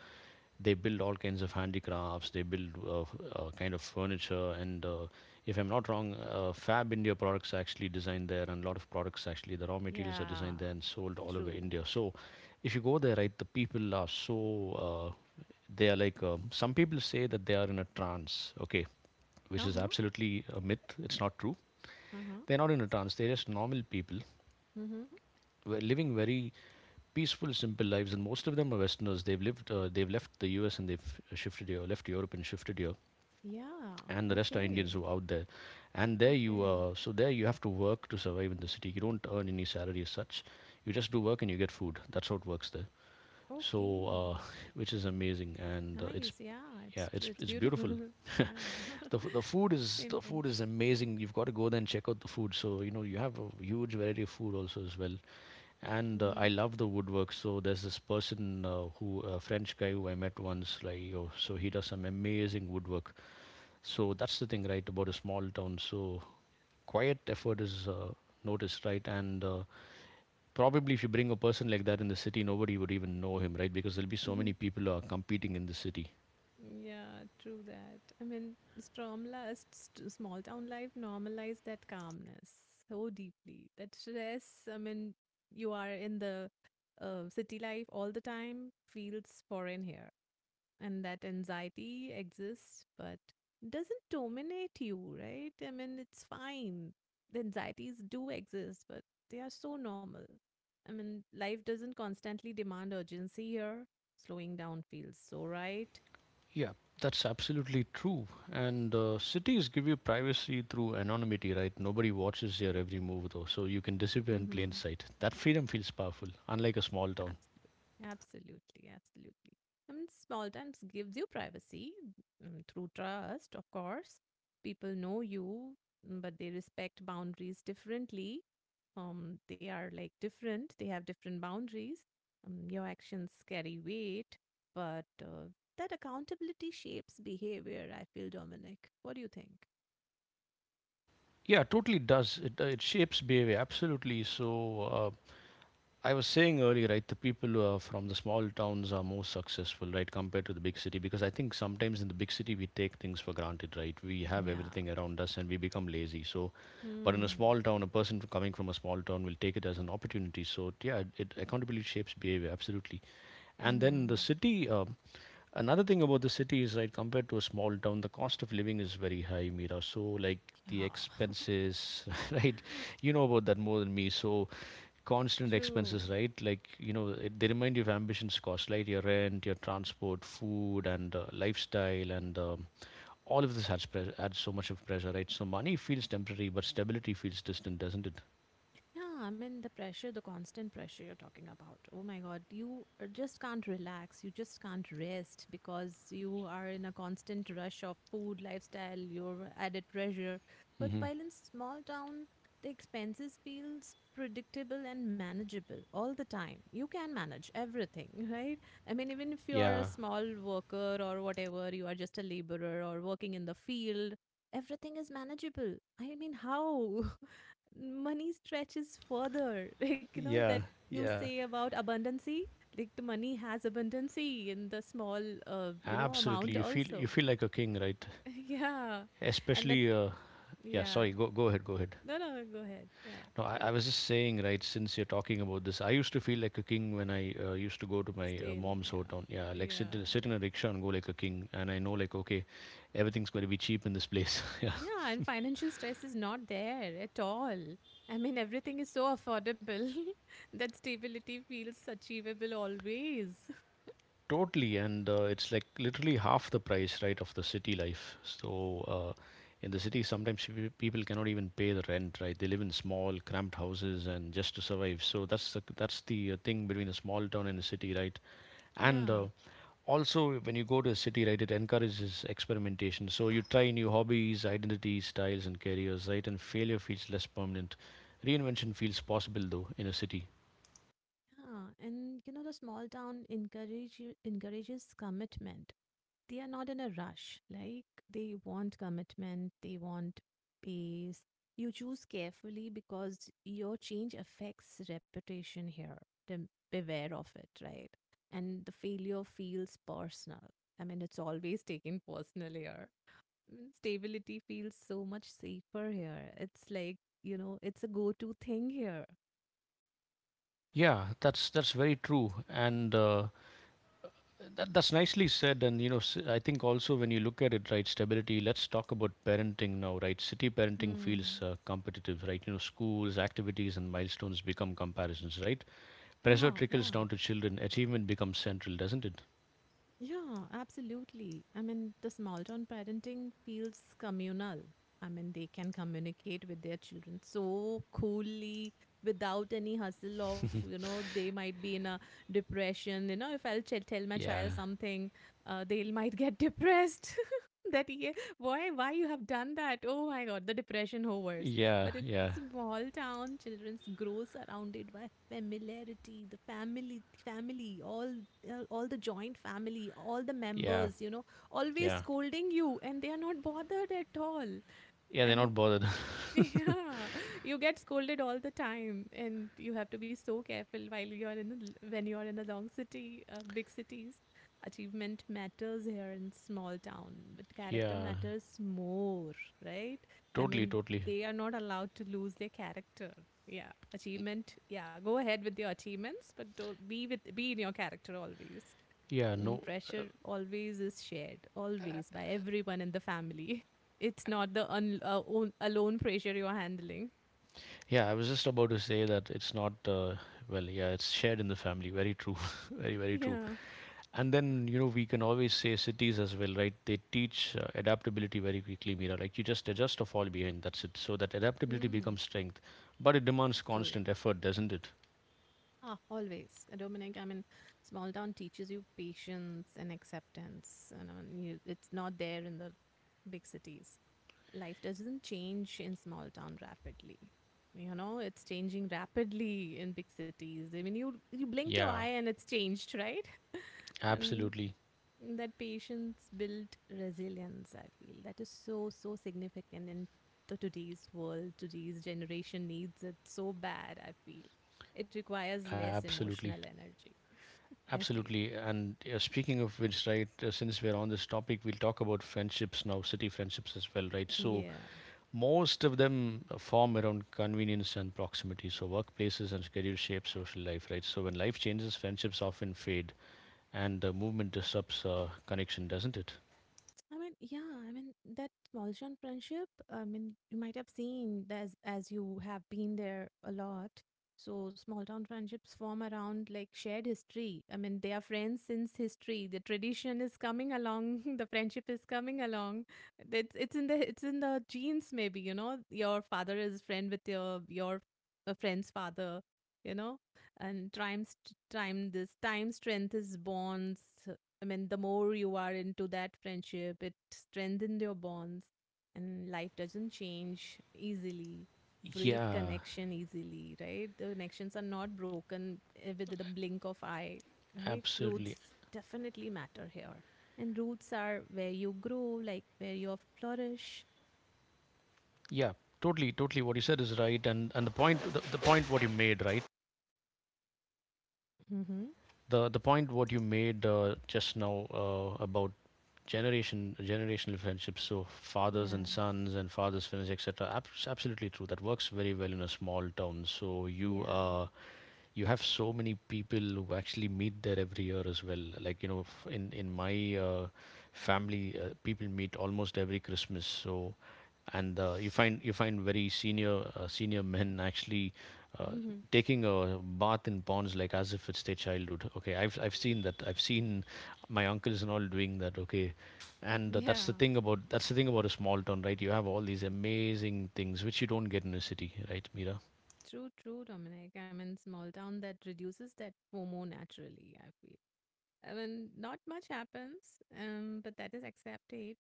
A: they build all kinds of handicrafts. They build kind of furniture, and if I'm not wrong, Fab India products are actually designed there, and a lot of products actually the raw materials are
B: Yeah,
A: designed there and sold all over
B: true.
A: India. So if you go there, right, the people are so they are like some people say that they are in a trance, okay, which is
B: Uh-huh.
A: absolutely a myth, it's not true.
B: Uh-huh.
A: They're not in a trance, they're just normal people
B: Mm-hmm.
A: who are living very peaceful, simple lives, and most of them are westerners. They've left the US and they've shifted here, left Europe and shifted here,
B: Yeah.
A: and the rest are Indians
B: Okay.
A: who are out there. And there you
B: Okay.
A: are. So there you have to work to survive in the city. You don't earn any salary as such, you just do work and you get food. That's how it works there. So uh,
B: Okay.
A: which is amazing, and
B: Nice.
A: it's
B: Yeah, it's
A: Yeah,
B: it's
A: it's beautiful.
B: beautiful. Yeah.
A: The food is
B: Same
A: the food
B: bench.
A: is amazing. You've got to go there and check out the food. So you know you have a huge variety of food also as well. And
B: Mm-hmm.
A: I love the woodwork. So there's this person who a French guy who I met once. Like you, so he does some amazing woodwork. So that's the thing, right, about a small town. So quiet effort is noticed, right, and probably if you bring a person like that in the city, nobody would even know him, right? Because there'll be so many people who are competing in the city.
B: Yeah, true that. I mean, Stromlast, small town life normalized that calmness so deeply. That stress, I mean, you are in the city life all the time, feels foreign here. And that anxiety exists, but doesn't dominate you, right? I mean, it's fine. The anxieties do exist, but they are so normal. I mean, life doesn't constantly demand urgency here. Slowing down feels so right.
A: Yeah, that's absolutely true. And cities give you privacy through anonymity, right? Nobody watches your every move, though, so you can disappear in plain
B: Mm-hmm.
A: sight. That freedom feels powerful, unlike a small town.
B: Absolutely, absolutely, absolutely. I mean, small times gives you privacy mm, through trust, of course. People know you, mm, but they respect boundaries differently. They are like different. They have different boundaries. Your actions carry weight, but that accountability shapes behavior. I feel, Dominic. What do you think?
A: Yeah, totally does. It it shapes behavior, absolutely. So I was saying earlier, right, the people from the small towns are more successful, right, compared to the big city, because I think sometimes in the big city we take things for granted, right? We have
B: Yeah.
A: everything around us and we become lazy. So, but in a
B: Hmm.
A: small town, a person coming from a small town will take it as an opportunity. So, yeah, it accountability shapes behavior, absolutely. And then the
B: Hmm.
A: city, um, another thing about the city is, right, compared to a small town, the cost of living is very high, Mira. So, like the
B: Yeah.
A: expenses, right? You know about that more than me. So, constant
B: True.
A: expenses, right? Like, you know, it, they remind you of ambitions cost, right? Your rent, your transport, food, and lifestyle, and all of this adds, adds so much of pressure, right? So money feels temporary, but stability feels distant, doesn't it?
B: Yeah, I mean, the pressure, the constant pressure you're talking about. Oh my God, you just can't relax. You just can't rest because you are in a constant rush of food, lifestyle, your added pressure.
A: Mm
B: But
A: hmm.
B: while in small town, the expenses feels predictable and manageable all the time. You can manage everything, right? I mean, even if you are a
A: Yeah,
B: small worker or whatever, you are just a laborer or working in the field, everything is manageable. I mean, how? Money stretches further. Like, you know, that
A: yeah,
B: you
A: yeah.
B: say about abundancy, like the money has abundancy in the small, you know,
A: Absolutely,
B: amount
A: you feel you
B: also.
A: feel like a king, right?
B: Yeah. And that,
A: Especially, yeah.
B: yeah.
A: Sorry, go ahead, go ahead.
B: No, no, go ahead. Yeah.
A: No, I was just saying, right, since you're talking about this, I used to feel like a king when I used to go to my
B: Stay in.
A: mom's
B: Yeah.
A: hometown. Yeah, like
B: Yeah.
A: sit in a rickshaw and go like a king. And I know, like, okay, everything's going to be cheap in this place. Yeah,
B: Yeah, and financial stress is not there at all. I mean, everything is so affordable that stability feels achievable always.
A: totally. And it's like literally half the price, right, of the city life. So uh, in the city, sometimes people cannot even pay the rent, right? They live in small, cramped houses and just to survive. So that's the, that's the thing between a small town and a city, right?
B: Yeah.
A: And Also, when you go to a city, right, it encourages experimentation, so you try new hobbies, identities, styles, and careers, right? And failure feels less permanent, reinvention feels possible, though, in a city.
B: Yeah, and you know the small town encourage you- encourages commitment. They are not in a rush. Like they want commitment, they want pace. You choose carefully because your change affects reputation here. Then beware of it, right? And the failure feels personal. I mean, it's always taken personal here. Mm, stability feels so much safer here. It's like, you know, it's a go-to thing here.
A: Yeah, that's very true, and that, that's nicely said. And you know, I think also when you look at it, right, stability, let's talk about parenting now, right? City parenting feels
B: Hmm.
A: competitive, right? You know, schools, activities, and milestones become comparisons, right? Pressure
B: Yeah, yeah.
A: trickles down to children, achievement becomes central, doesn't it?
B: Yeah, absolutely. I mean, the small town parenting feels communal. I mean, they can communicate with their children so coolly without any hustle of, you know, they might be in a depression. You know, if I'll tell my
A: Yeah.
B: child something, they might get depressed. That yeah, why you have done that? Oh my God, the depression hovers.
A: Yeah,
B: But it's
A: yeah,
B: small town children's grow surrounded by familiarity, the family, all the joint family all the
A: yeah,
B: members you know always
A: yeah.
B: scolding you and they are not bothered at all.
A: Yeah, they're
B: And
A: not bothered.
B: yeah, you get scolded all the time, and you have to be so careful while you're in a when you're in a long city, big cities. Achievement matters here in small town, but character
A: Yeah,
B: matters more, right? I
A: totally,
B: mean,
A: totally.
B: they are not allowed to lose their character. Yeah, achievement. Yeah, go ahead with your achievements, but don't be with be in your character always.
A: Yeah,
B: Mm,
A: no.
B: pressure always is shared, always by everyone in the family. It's not the alone pressure you are handling.
A: Yeah, I was just about to say that it's not, well, yeah, it's shared in the family. Very true. Very, very true.
B: Yeah.
A: And then, you know, we can always say cities as well, right? They teach adaptability very quickly, Mira. Like you just adjust or fall behind. That's it. So that adaptability
B: Mm,
A: becomes strength. But it demands
B: true.
A: constant effort, doesn't it?
B: Ah, always. Dominic, I mean, small town teaches you patience and acceptance. And I mean, you, it's not there in the big cities. Life doesn't change in small town rapidly. You know, it's changing rapidly in big cities. I mean, you blink your
A: Yeah,
B: eye and it's changed, right? And
A: absolutely.
B: that patience built resilience, I feel. That is so, so significant in to today's world. Today's generation needs it so bad, I feel. It requires less
A: Absolutely.
B: emotional energy, I feel.
A: Absolutely. And Speaking of which, right, since we're on this topic, we'll talk about friendships now, city friendships as well, right? So,
B: Yeah.
A: most of them form around convenience and proximity. So, workplaces and schedule shape social life, right? So, when life changes, friendships often fade, and movement disrupts connection, doesn't it?
B: I mean, yeah, I mean that small town friendship. I mean, you might have seen that as you have been there a lot. So small town friendships form around like shared history. I mean, they are friends since history. The tradition is coming along. The friendship is coming along. It's it's in the genes. Maybe you know your father is friend with your friend's father. You know, and time st- time this time strength is bonds. I mean, the more you are into that friendship, it strengthens your bonds, and life doesn't change easily, break
A: Yeah,
B: connection easily, right? The connections are not broken eh, with the blink of eye, right?
A: absolutely.
B: Roots definitely matter here. And roots are where you grow, like where you flourish.
A: Yeah, totally, totally. What you said is right, and the point what you made, right?
B: Mm-hmm.
A: The point what you made just now about generational friendships, so fathers
B: Yeah,
A: and sons and fathers friends, etc. Absolutely true, that works very well in a small town. So you
B: yeah.
A: uh, you have so many people who actually meet there every year as well, like you know, in my family, people meet almost every Christmas. So and you find, you find very senior men actually uh,
B: Mhm.
A: taking a bath in ponds like as if it's their childhood. Okay, I've seen that. I've seen my uncles and all doing that. Okay, and that's
B: Yeah,
A: the thing about, that's the thing about a small town, right? You have all these amazing things which you don't get in a city, right, Mira?
B: true, true, Dominic. I mean, small town that reduces that FOMO naturally, I feel. I mean, not much happens, but that is accepted.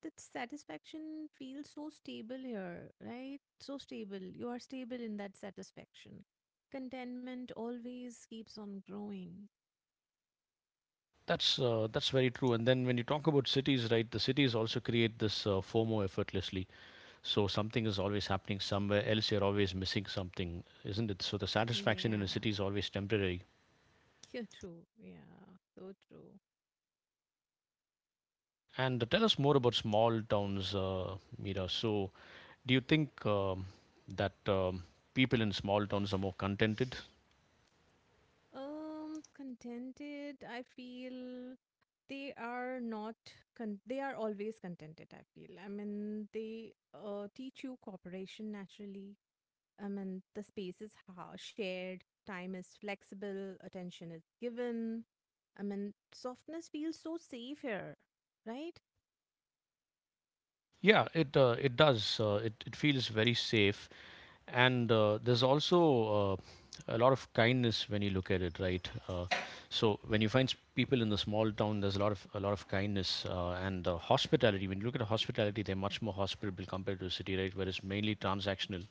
B: The satisfaction feels so stable here, right? So stable. You are stable in that satisfaction. Contentment always keeps on growing.
A: That's very true. And then when you talk about cities, right, the cities also create this FOMO effortlessly. So something is always happening somewhere else. You're always missing something, isn't it? So the satisfaction in a
B: Yeah,
A: city is always temporary.
B: you're true. Yeah, so true.
A: And Tell us more about small towns, Mira. So do you think that people in small towns are more contented?
B: Contented, I feel they are not they are always contented I feel I mean they teach you cooperation naturally. I mean, the space is shared, time is flexible, attention is given. I mean, softness feels so safe here, right?
A: Yeah, it it does. It it feels very safe. And there's also a lot of kindness when you look at it, right? So when you find people in the small town, there's a lot of, a lot of kindness, and hospitality. When you look at hospitality, they're much more hospitable compared to the city, right, where it's mainly transactional.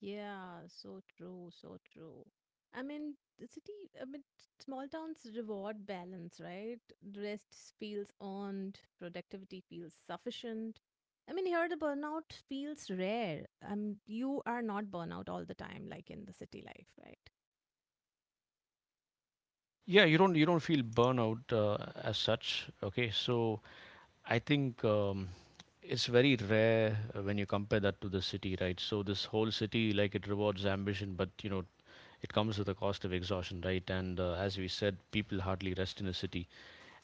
B: Yeah, so true, so true. I mean, the city, I mean, small towns reward balance, right? Rest feels earned, productivity feels sufficient. I mean, here the burnout feels rare. You are not burnout all the time, like in the city life, right?
A: Yeah, you don't feel burnout as such. Okay, so I think it's very rare when you compare that to the city, right? So this whole city, like, it rewards ambition, but you know it comes with a cost of exhaustion, right? And as we said, people hardly rest in a city.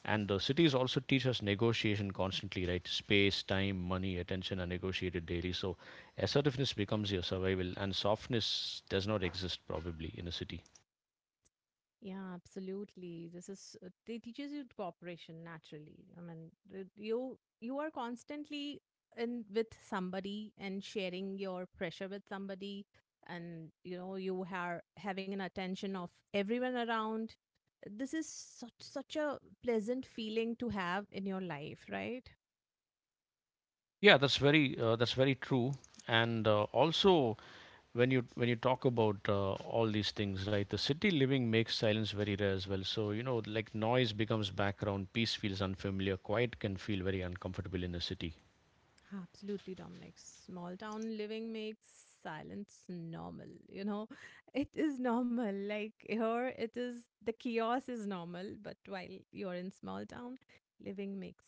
A: And cities also teach us negotiation constantly, right? Space, time, money, attention are negotiated daily. So assertiveness becomes your survival, and softness does not exist, probably, in a city.
B: Yeah, absolutely. This is they teaches you cooperation naturally. I mean, you are constantly in with somebody and sharing your pressure with somebody, and you know you are having an attention of everyone around. This is such a pleasant feeling to have in your life, right?
A: Yeah, that's very true. And also, when you talk about all these things, right? The city living makes silence very rare as well. So you know, like noise becomes background, peace feels unfamiliar, quiet can feel very uncomfortable in a city.
B: Absolutely, Dominic. Small town living makes silence normal. You know, it is normal. Like here, it is the chaos is normal, but while you're in small town, living makes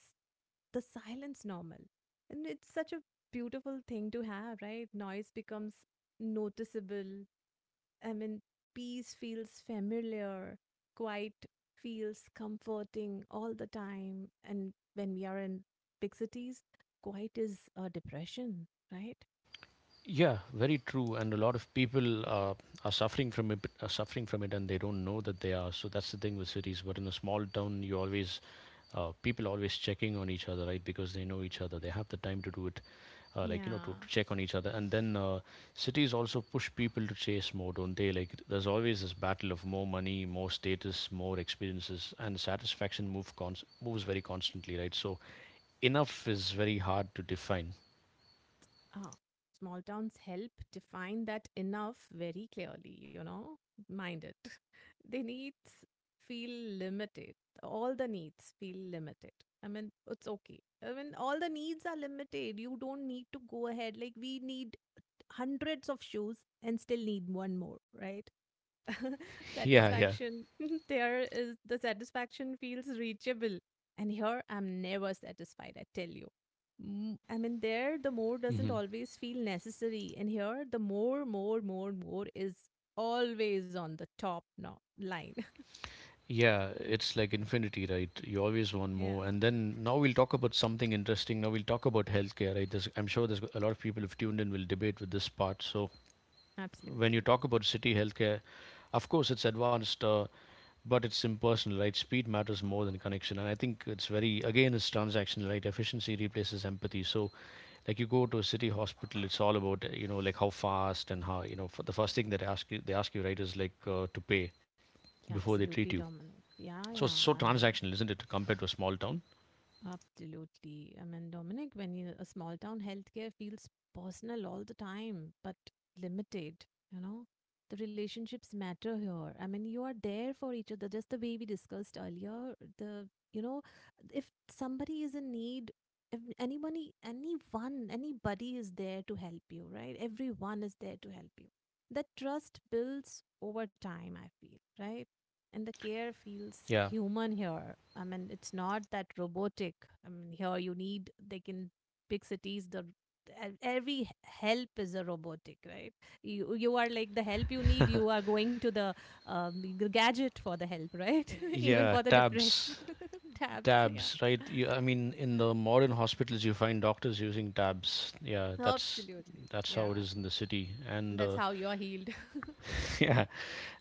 B: the silence normal. And it's such a beautiful thing to have, right? Noise becomes noticeable, I mean, peace feels familiar, quiet feels comforting all the time. And when we are in big cities, quiet is a depression, right?
A: Yeah, very true. And a lot of people are suffering from it, are suffering from it, and they don't know that they are. So that's the thing with cities. But in a small town, you always people always checking on each other, right? Because they know each other, they have the time to do it, to,
B: Yeah.
A: to check on each other. And then cities also push people to chase more, don't they? Like there's always this battle of more money, more status, more experiences, and satisfaction moves very constantly, right? So enough is very hard to define.
B: Ah, small towns help define that enough very clearly, you know? Mind it. They needs feel limited. All the needs feel limited. I mean, it's okay. I mean, all the needs are limited. You don't need to go ahead. Like, we need hundreds of shoes and still need one more, right?
A: Yeah, yeah.
B: satisfaction there is the satisfaction feels reachable. And here I'm never satisfied, I tell you. I mean, there the more doesn't
A: Mm-hmm.
B: always feel necessary. And here the more, more, more, more is always on the top no- line.
A: Yeah, it's like infinity, right? You always want
B: yeah,
A: more. And then now we'll talk about something interesting. Now we'll talk about healthcare, right? I'm sure there's a lot of people who've tuned in will debate with this part. So when you
B: absolutely.
A: talk about city healthcare, of course it's advanced, but it's impersonal, right? Speed matters more than connection. And I think it's very, again, it's transactional, right? Efficiency replaces empathy. So like you go to a city hospital, it's all about, like how fast and how, you know, for the first thing that they ask you, right, is like to pay
B: Yeah,
A: before they treat you
B: absolutely, Dominic. Yeah,
A: so it's
B: yeah.
A: so
B: I mean,
A: transactional, isn't it, compared to a small town?
B: Absolutely. I mean, Dominic, a small town healthcare feels personal all the time, but limited, you know, the relationships matter here. I mean, you are there for each other, just the way we discussed earlier. The, you know, if somebody is in need, if anybody is there to help you, right? Everyone is there to help you. That trust builds over time, I feel, right? And the care feels
A: Yeah.
B: human here. I mean, it's not that robotic. I mean, here you need like in big cities, the e- every help is a robotic, right? You are like the help you need. You are going to the g- gadget for the help, right? Even
A: Yeah,
B: for the depression
A: tabs.
B: tabs, yeah.
A: Tabs, right? You, I mean, in the modern hospitals, you find doctors using tabs. Yeah, that's
B: Absolutely,
A: that's how it
B: yeah.
A: is in the city. And
B: That's how you are healed.
A: yeah,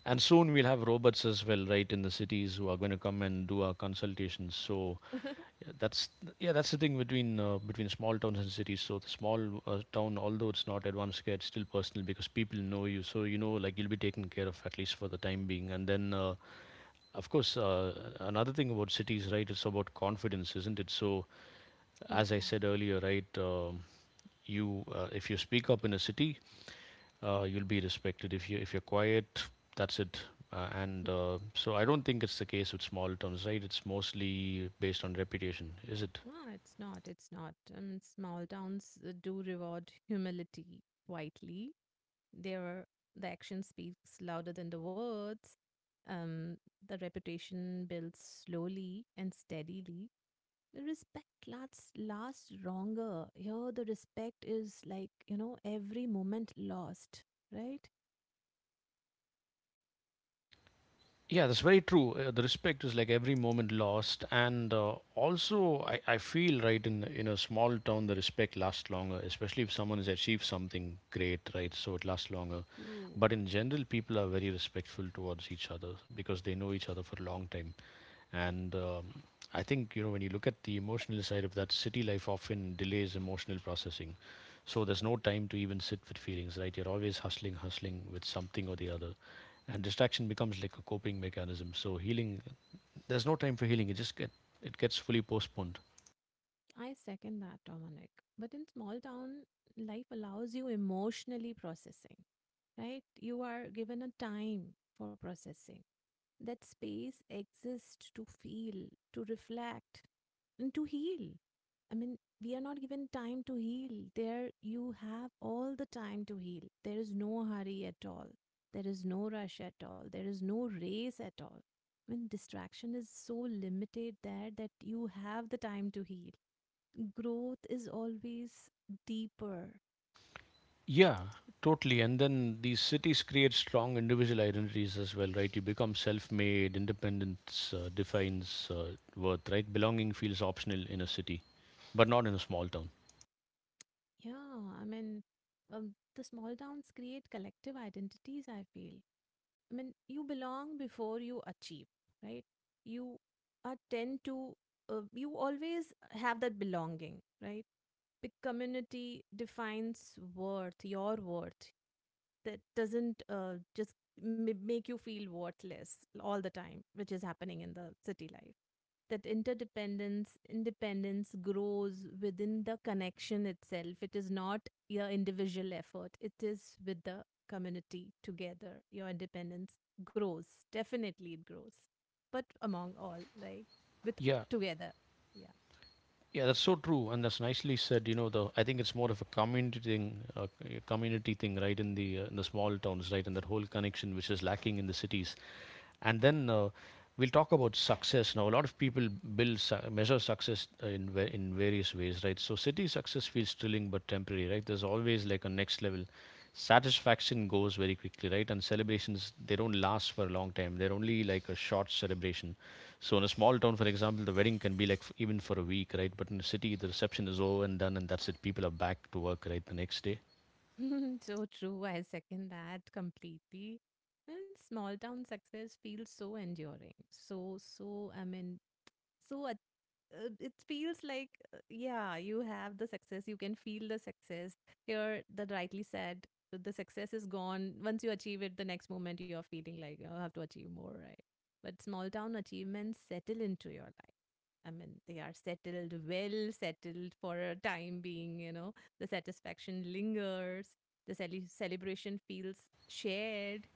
A: and soon we'll have robots as well, right, in the cities who are going to come and do our consultations. So yeah, that's yeah, that's the thing between between small towns and cities. So the small town, although it's not advanced care, it's still personal because people know you. So you know, like you'll be taken care of at least for the time being. And then of course, another thing about cities, right? It's about confidence, isn't it? So, as I
B: yeah.
A: said earlier, right? You, if you speak up in a city, you'll be respected. If you if you're quiet, that's it. I don't think it's the case with small towns, right? It's mostly based on reputation, is it?
B: No, it's not. It's not. And small towns do reward humility quietly. Their the action speaks louder than the words. Um, the reputation builds slowly and steadily. The respect lasts longer. Here, the respect is like you know every moment lost. Right?
A: Yeah, that's very true. The respect is like every moment lost, and also I feel right in a small town the respect lasts longer, especially if someone has achieved something great, right? So it lasts longer. But
B: True.
A: in general, people are very respectful towards each other because they know each other for a long time, and I think you know when you look at the emotional side of that, city life often delays emotional processing. So there's no time to even sit with feelings, right? You're always hustling, hustling with something or the other and distraction becomes like a coping mechanism so healing there's no time for healing it gets fully postponed.
B: I second that, Dominic. But in small town, life allows you emotionally processing, right? You are given a time for processing. That space exists to feel, to reflect, and to heal. I mean, we are not given time to heal. There, you have all the time to heal. There is no hurry at all. There is no rush at all. There is no race at all. When distraction is so limited there that you have the time to heal, growth is always deeper.
A: Yeah, totally. And then these cities create strong individual identities as well, right? You become self-made. Independence defines worth, right? Belonging feels optional in a city, but not in a small town.
B: Yeah, I mean, the small towns create collective identities, I feel. I mean, you belong before you achieve, right? You are tend to, You always have that belonging, right? Big community defines worth, your worth, that doesn't just m- make you feel worthless all the time, which is happening in the city life. Independence grows within the connection itself. It is not your individual effort, it is with the community together. Your independence grows. Definitely, it grows. But among all, like with
A: Yeah,
B: together. Yeah.
A: yeah, that's so true and that's nicely said. You know the I think it's more of a community thing, right, in the small towns, right? And that whole connection which is lacking in the cities. And then we'll talk about success now. A lot of people measure success in various ways, right? So city success feels thrilling but temporary, right? There's always like a next level. Satisfaction goes very quickly, right? And celebrations they don't last for a long time. They're only like a short celebration. So in a small town, for example, the wedding can be like even for a week, right? But in the city, the reception is over and done, and that's it. People are back to work, right? The next day.
B: so true. I second that completely. And small town success feels so enduring. So uh, it feels like, yeah, you have the success, you can feel the success. Here, that rightly said, the success is gone. Once you achieve it, the next moment you're feeling like, oh, I have to achieve more, right? But small town achievements settle into your life. I mean, they are settled, well settled for a time being, you know. The satisfaction lingers, the cele- celebration feels shared.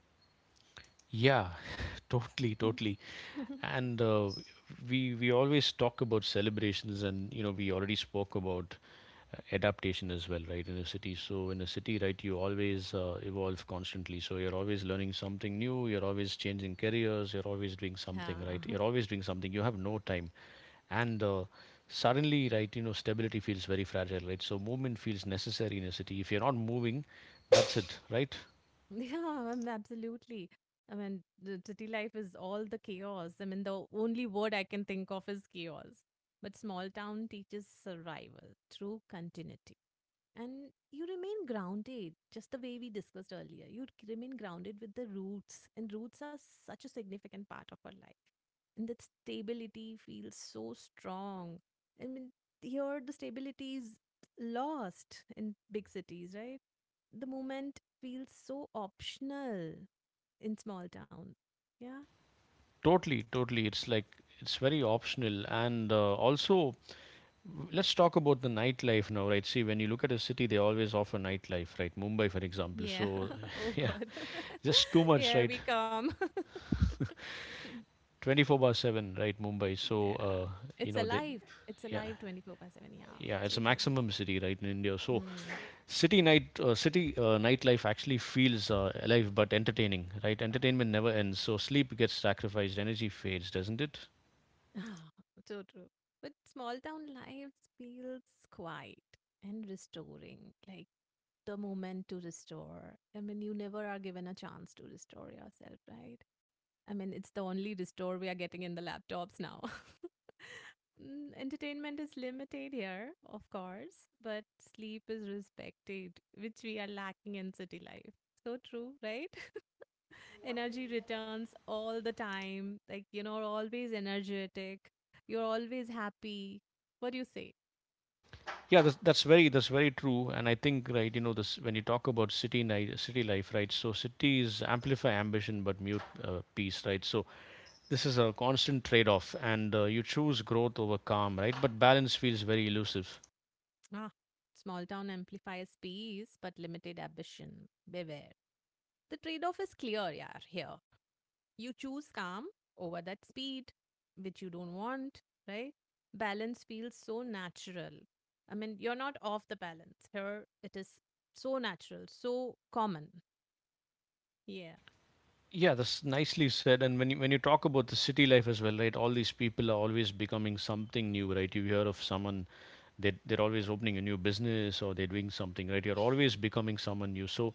A: Yeah, totally, totally. And we always talk about celebrations, and you know we already spoke about adaptation as well, right? In a city, so in a city, right, you always evolve constantly, so you're always learning something new, you're always changing careers, you're always doing something, right?
B: Yeah.
A: You're always doing something, you have no time. And suddenly, right, you know, stability feels very fragile, right? So movement feels necessary in a city. If you're not moving, that's it, right?
B: Yeah, absolutely. I mean, the city life is all the chaos. I mean, the only word I can think of is chaos. But small town teaches survival through continuity. And you remain grounded, just the way we discussed earlier. You remain grounded with the roots, and roots are such a significant part of our life. And that stability feels so strong. I mean, here the stability is lost in big cities, right? The moment feels so optional in small town. Yeah.
A: Totally, totally. It's like it's very optional. And also, let's talk about the nightlife now, right? See, when you look at a city, they always offer nightlife, right? Mumbai, for example.
B: Yeah.
A: So,
B: Oh
A: yeah,
B: god.
A: just too much,
B: Here
A: right?
B: we come.
A: 24 bar 7, right? Mumbai. So,
B: yeah.
A: you
B: It's
A: know, they,
B: alive. It's
A: yeah.
B: alive 24 by 7. Yeah.
A: Yeah, it's
B: So
A: a
B: true.
A: maximum city, right, in India. So,
B: Hmm.
A: city nightlife actually feels alive but entertaining, right? Entertainment never ends, so sleep gets sacrificed, energy fades, doesn't it?
B: so true. But small town lives feels quiet and restoring, like the moment to restore. I mean, you never are given a chance to restore yourself, right? I mean, it's the only restore we are getting in the laptops now. Entertainment is limited here, of course, but sleep is respected, which we are lacking in city life. So true, right? energy returns all the time. Like, you know, you're always energetic. You're always happy. What do you say?
A: Yeah, that's very true. And I think, right, you know, this when you talk about city night, city life, right? So cities amplify ambition but mute peace, right? So this is a constant trade-off, and you choose growth over calm, right? But balance feels very elusive.
B: Ah, small town amplifies peace but limited ambition. Beware. The trade off is clear, yaar, here. You choose calm over that speed, which you don't want, right? Balance feels so natural. I mean, you're not off the balance. Here, it is so natural, so common. Yeah.
A: Yeah, that's nicely said. And when you talk about the city life as well, right? All these people are always becoming something new, right? You hear of someone they're always opening a new business or they're doing something, right? You're always becoming someone new. So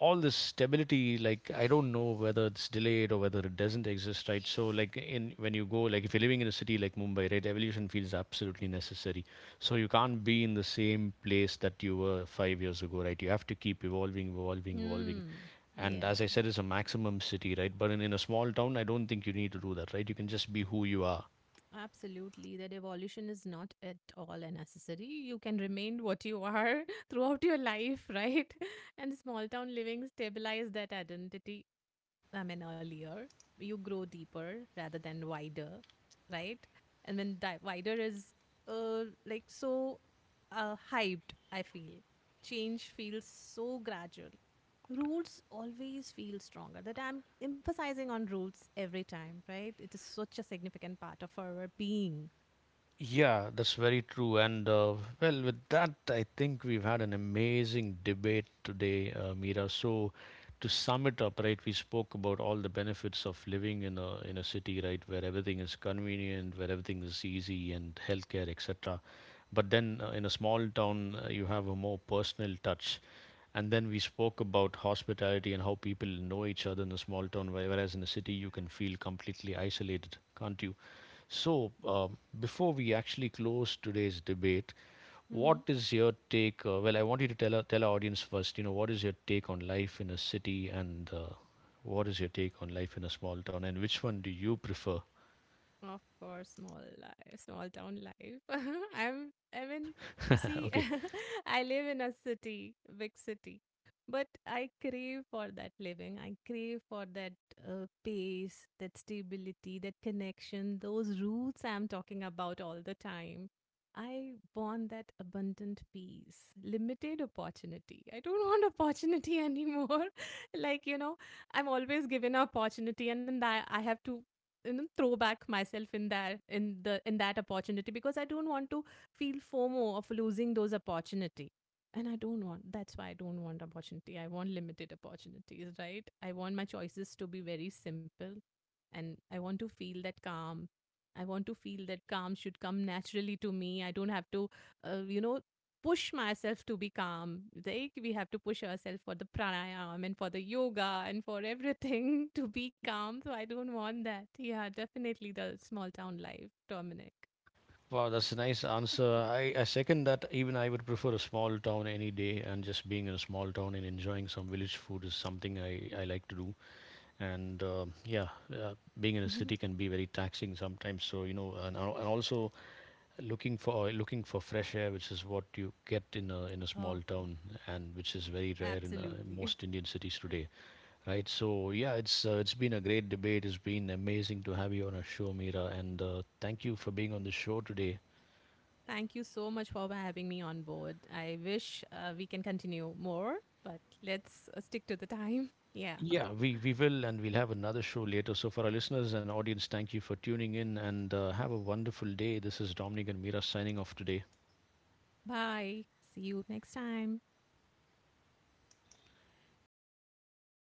A: all this stability, like, I don't know whether it's delayed or whether it doesn't exist, right? So like, in when you go, like if you're living in a city like Mumbai, right, evolution feels absolutely necessary, so you can't be in the same place that you were 5 years ago, right? You have to keep evolving evolving.
B: Mm,
A: And
B: yeah.
A: as I said, it's a maximum city, right? But in a small town I don't think you need to do that, right? You can just be who you are.
B: Absolutely, that evolution is not at all unnecessary. You can remain what you are throughout your life, right? And small town living stabilize that identity. I mean, earlier, you grow deeper rather than wider, right? And when di- wider is uh, like so hyped, I feel change feels so gradual. Roots always feel stronger. That I'm emphasizing on roots every time, right? It is such a significant part of our being.
A: Yeah, that's very true. And well, with that, I think we've had an amazing debate today, Mira. So, to sum it up, right, we spoke about all the benefits of living in a city, right, where everything is convenient, where everything is easy, and healthcare, etc. But then, in a small town, you have a more personal touch. And then we spoke about hospitality and how people know each other in a small town, whereas in a city you can feel completely isolated, can't you? So, before we actually close today's debate, what is your take? Well, I want you to tell our audience first. You know, what is your take on life in a city, and what is your take on life in a small town, and which one do you prefer?
B: Of course, small life, small town life. I'm, I mean, see,
A: Okay.
B: I live in a city, big city, but I crave for that living. I crave for that pace, that stability, that connection, those roots I'm talking about all the time. I want that abundant peace, limited opportunity. I don't want opportunity anymore. like, you know, I'm always given opportunity and then I have to, you know, throw back myself in there in that opportunity because I don't want to feel fomo of losing those opportunity. And I don't want, that's why I don't want opportunity. I want limited opportunities, right? I want my choices to be very simple and I want to feel that calm. I want to feel that calm should come naturally to me. I don't have to you know, push myself to be calm. Like we have to push ourselves for the pranayam and for the yoga and for everything to be calm. So I don't want that. Yeah, definitely the small town life, Dominic.
A: Wow, that's a nice answer. I second that. Even I would prefer a small town any day, and just being in a small town and enjoying some village food is something I like to do. And uh, being in a city can be very taxing sometimes. So you know, and, and also looking for fresh air, which is what you get in a small
B: oh,
A: town, and which is very rare in
B: absolutely.
A: most Indian cities today, right? So yeah, it's been a great debate. It's been amazing to have you on our show, Mira, and thank you for being on the show today.
B: Thank you so much for having me on board. I wish we can continue more, but let's stick to the time. Yeah.
A: Yeah, we will, and we'll have another show later. So, for our listeners and audience, thank you for tuning in and have a wonderful day. This is Dominic and Mira signing off today.
B: Bye. See you next time.
A: Hi, Mira.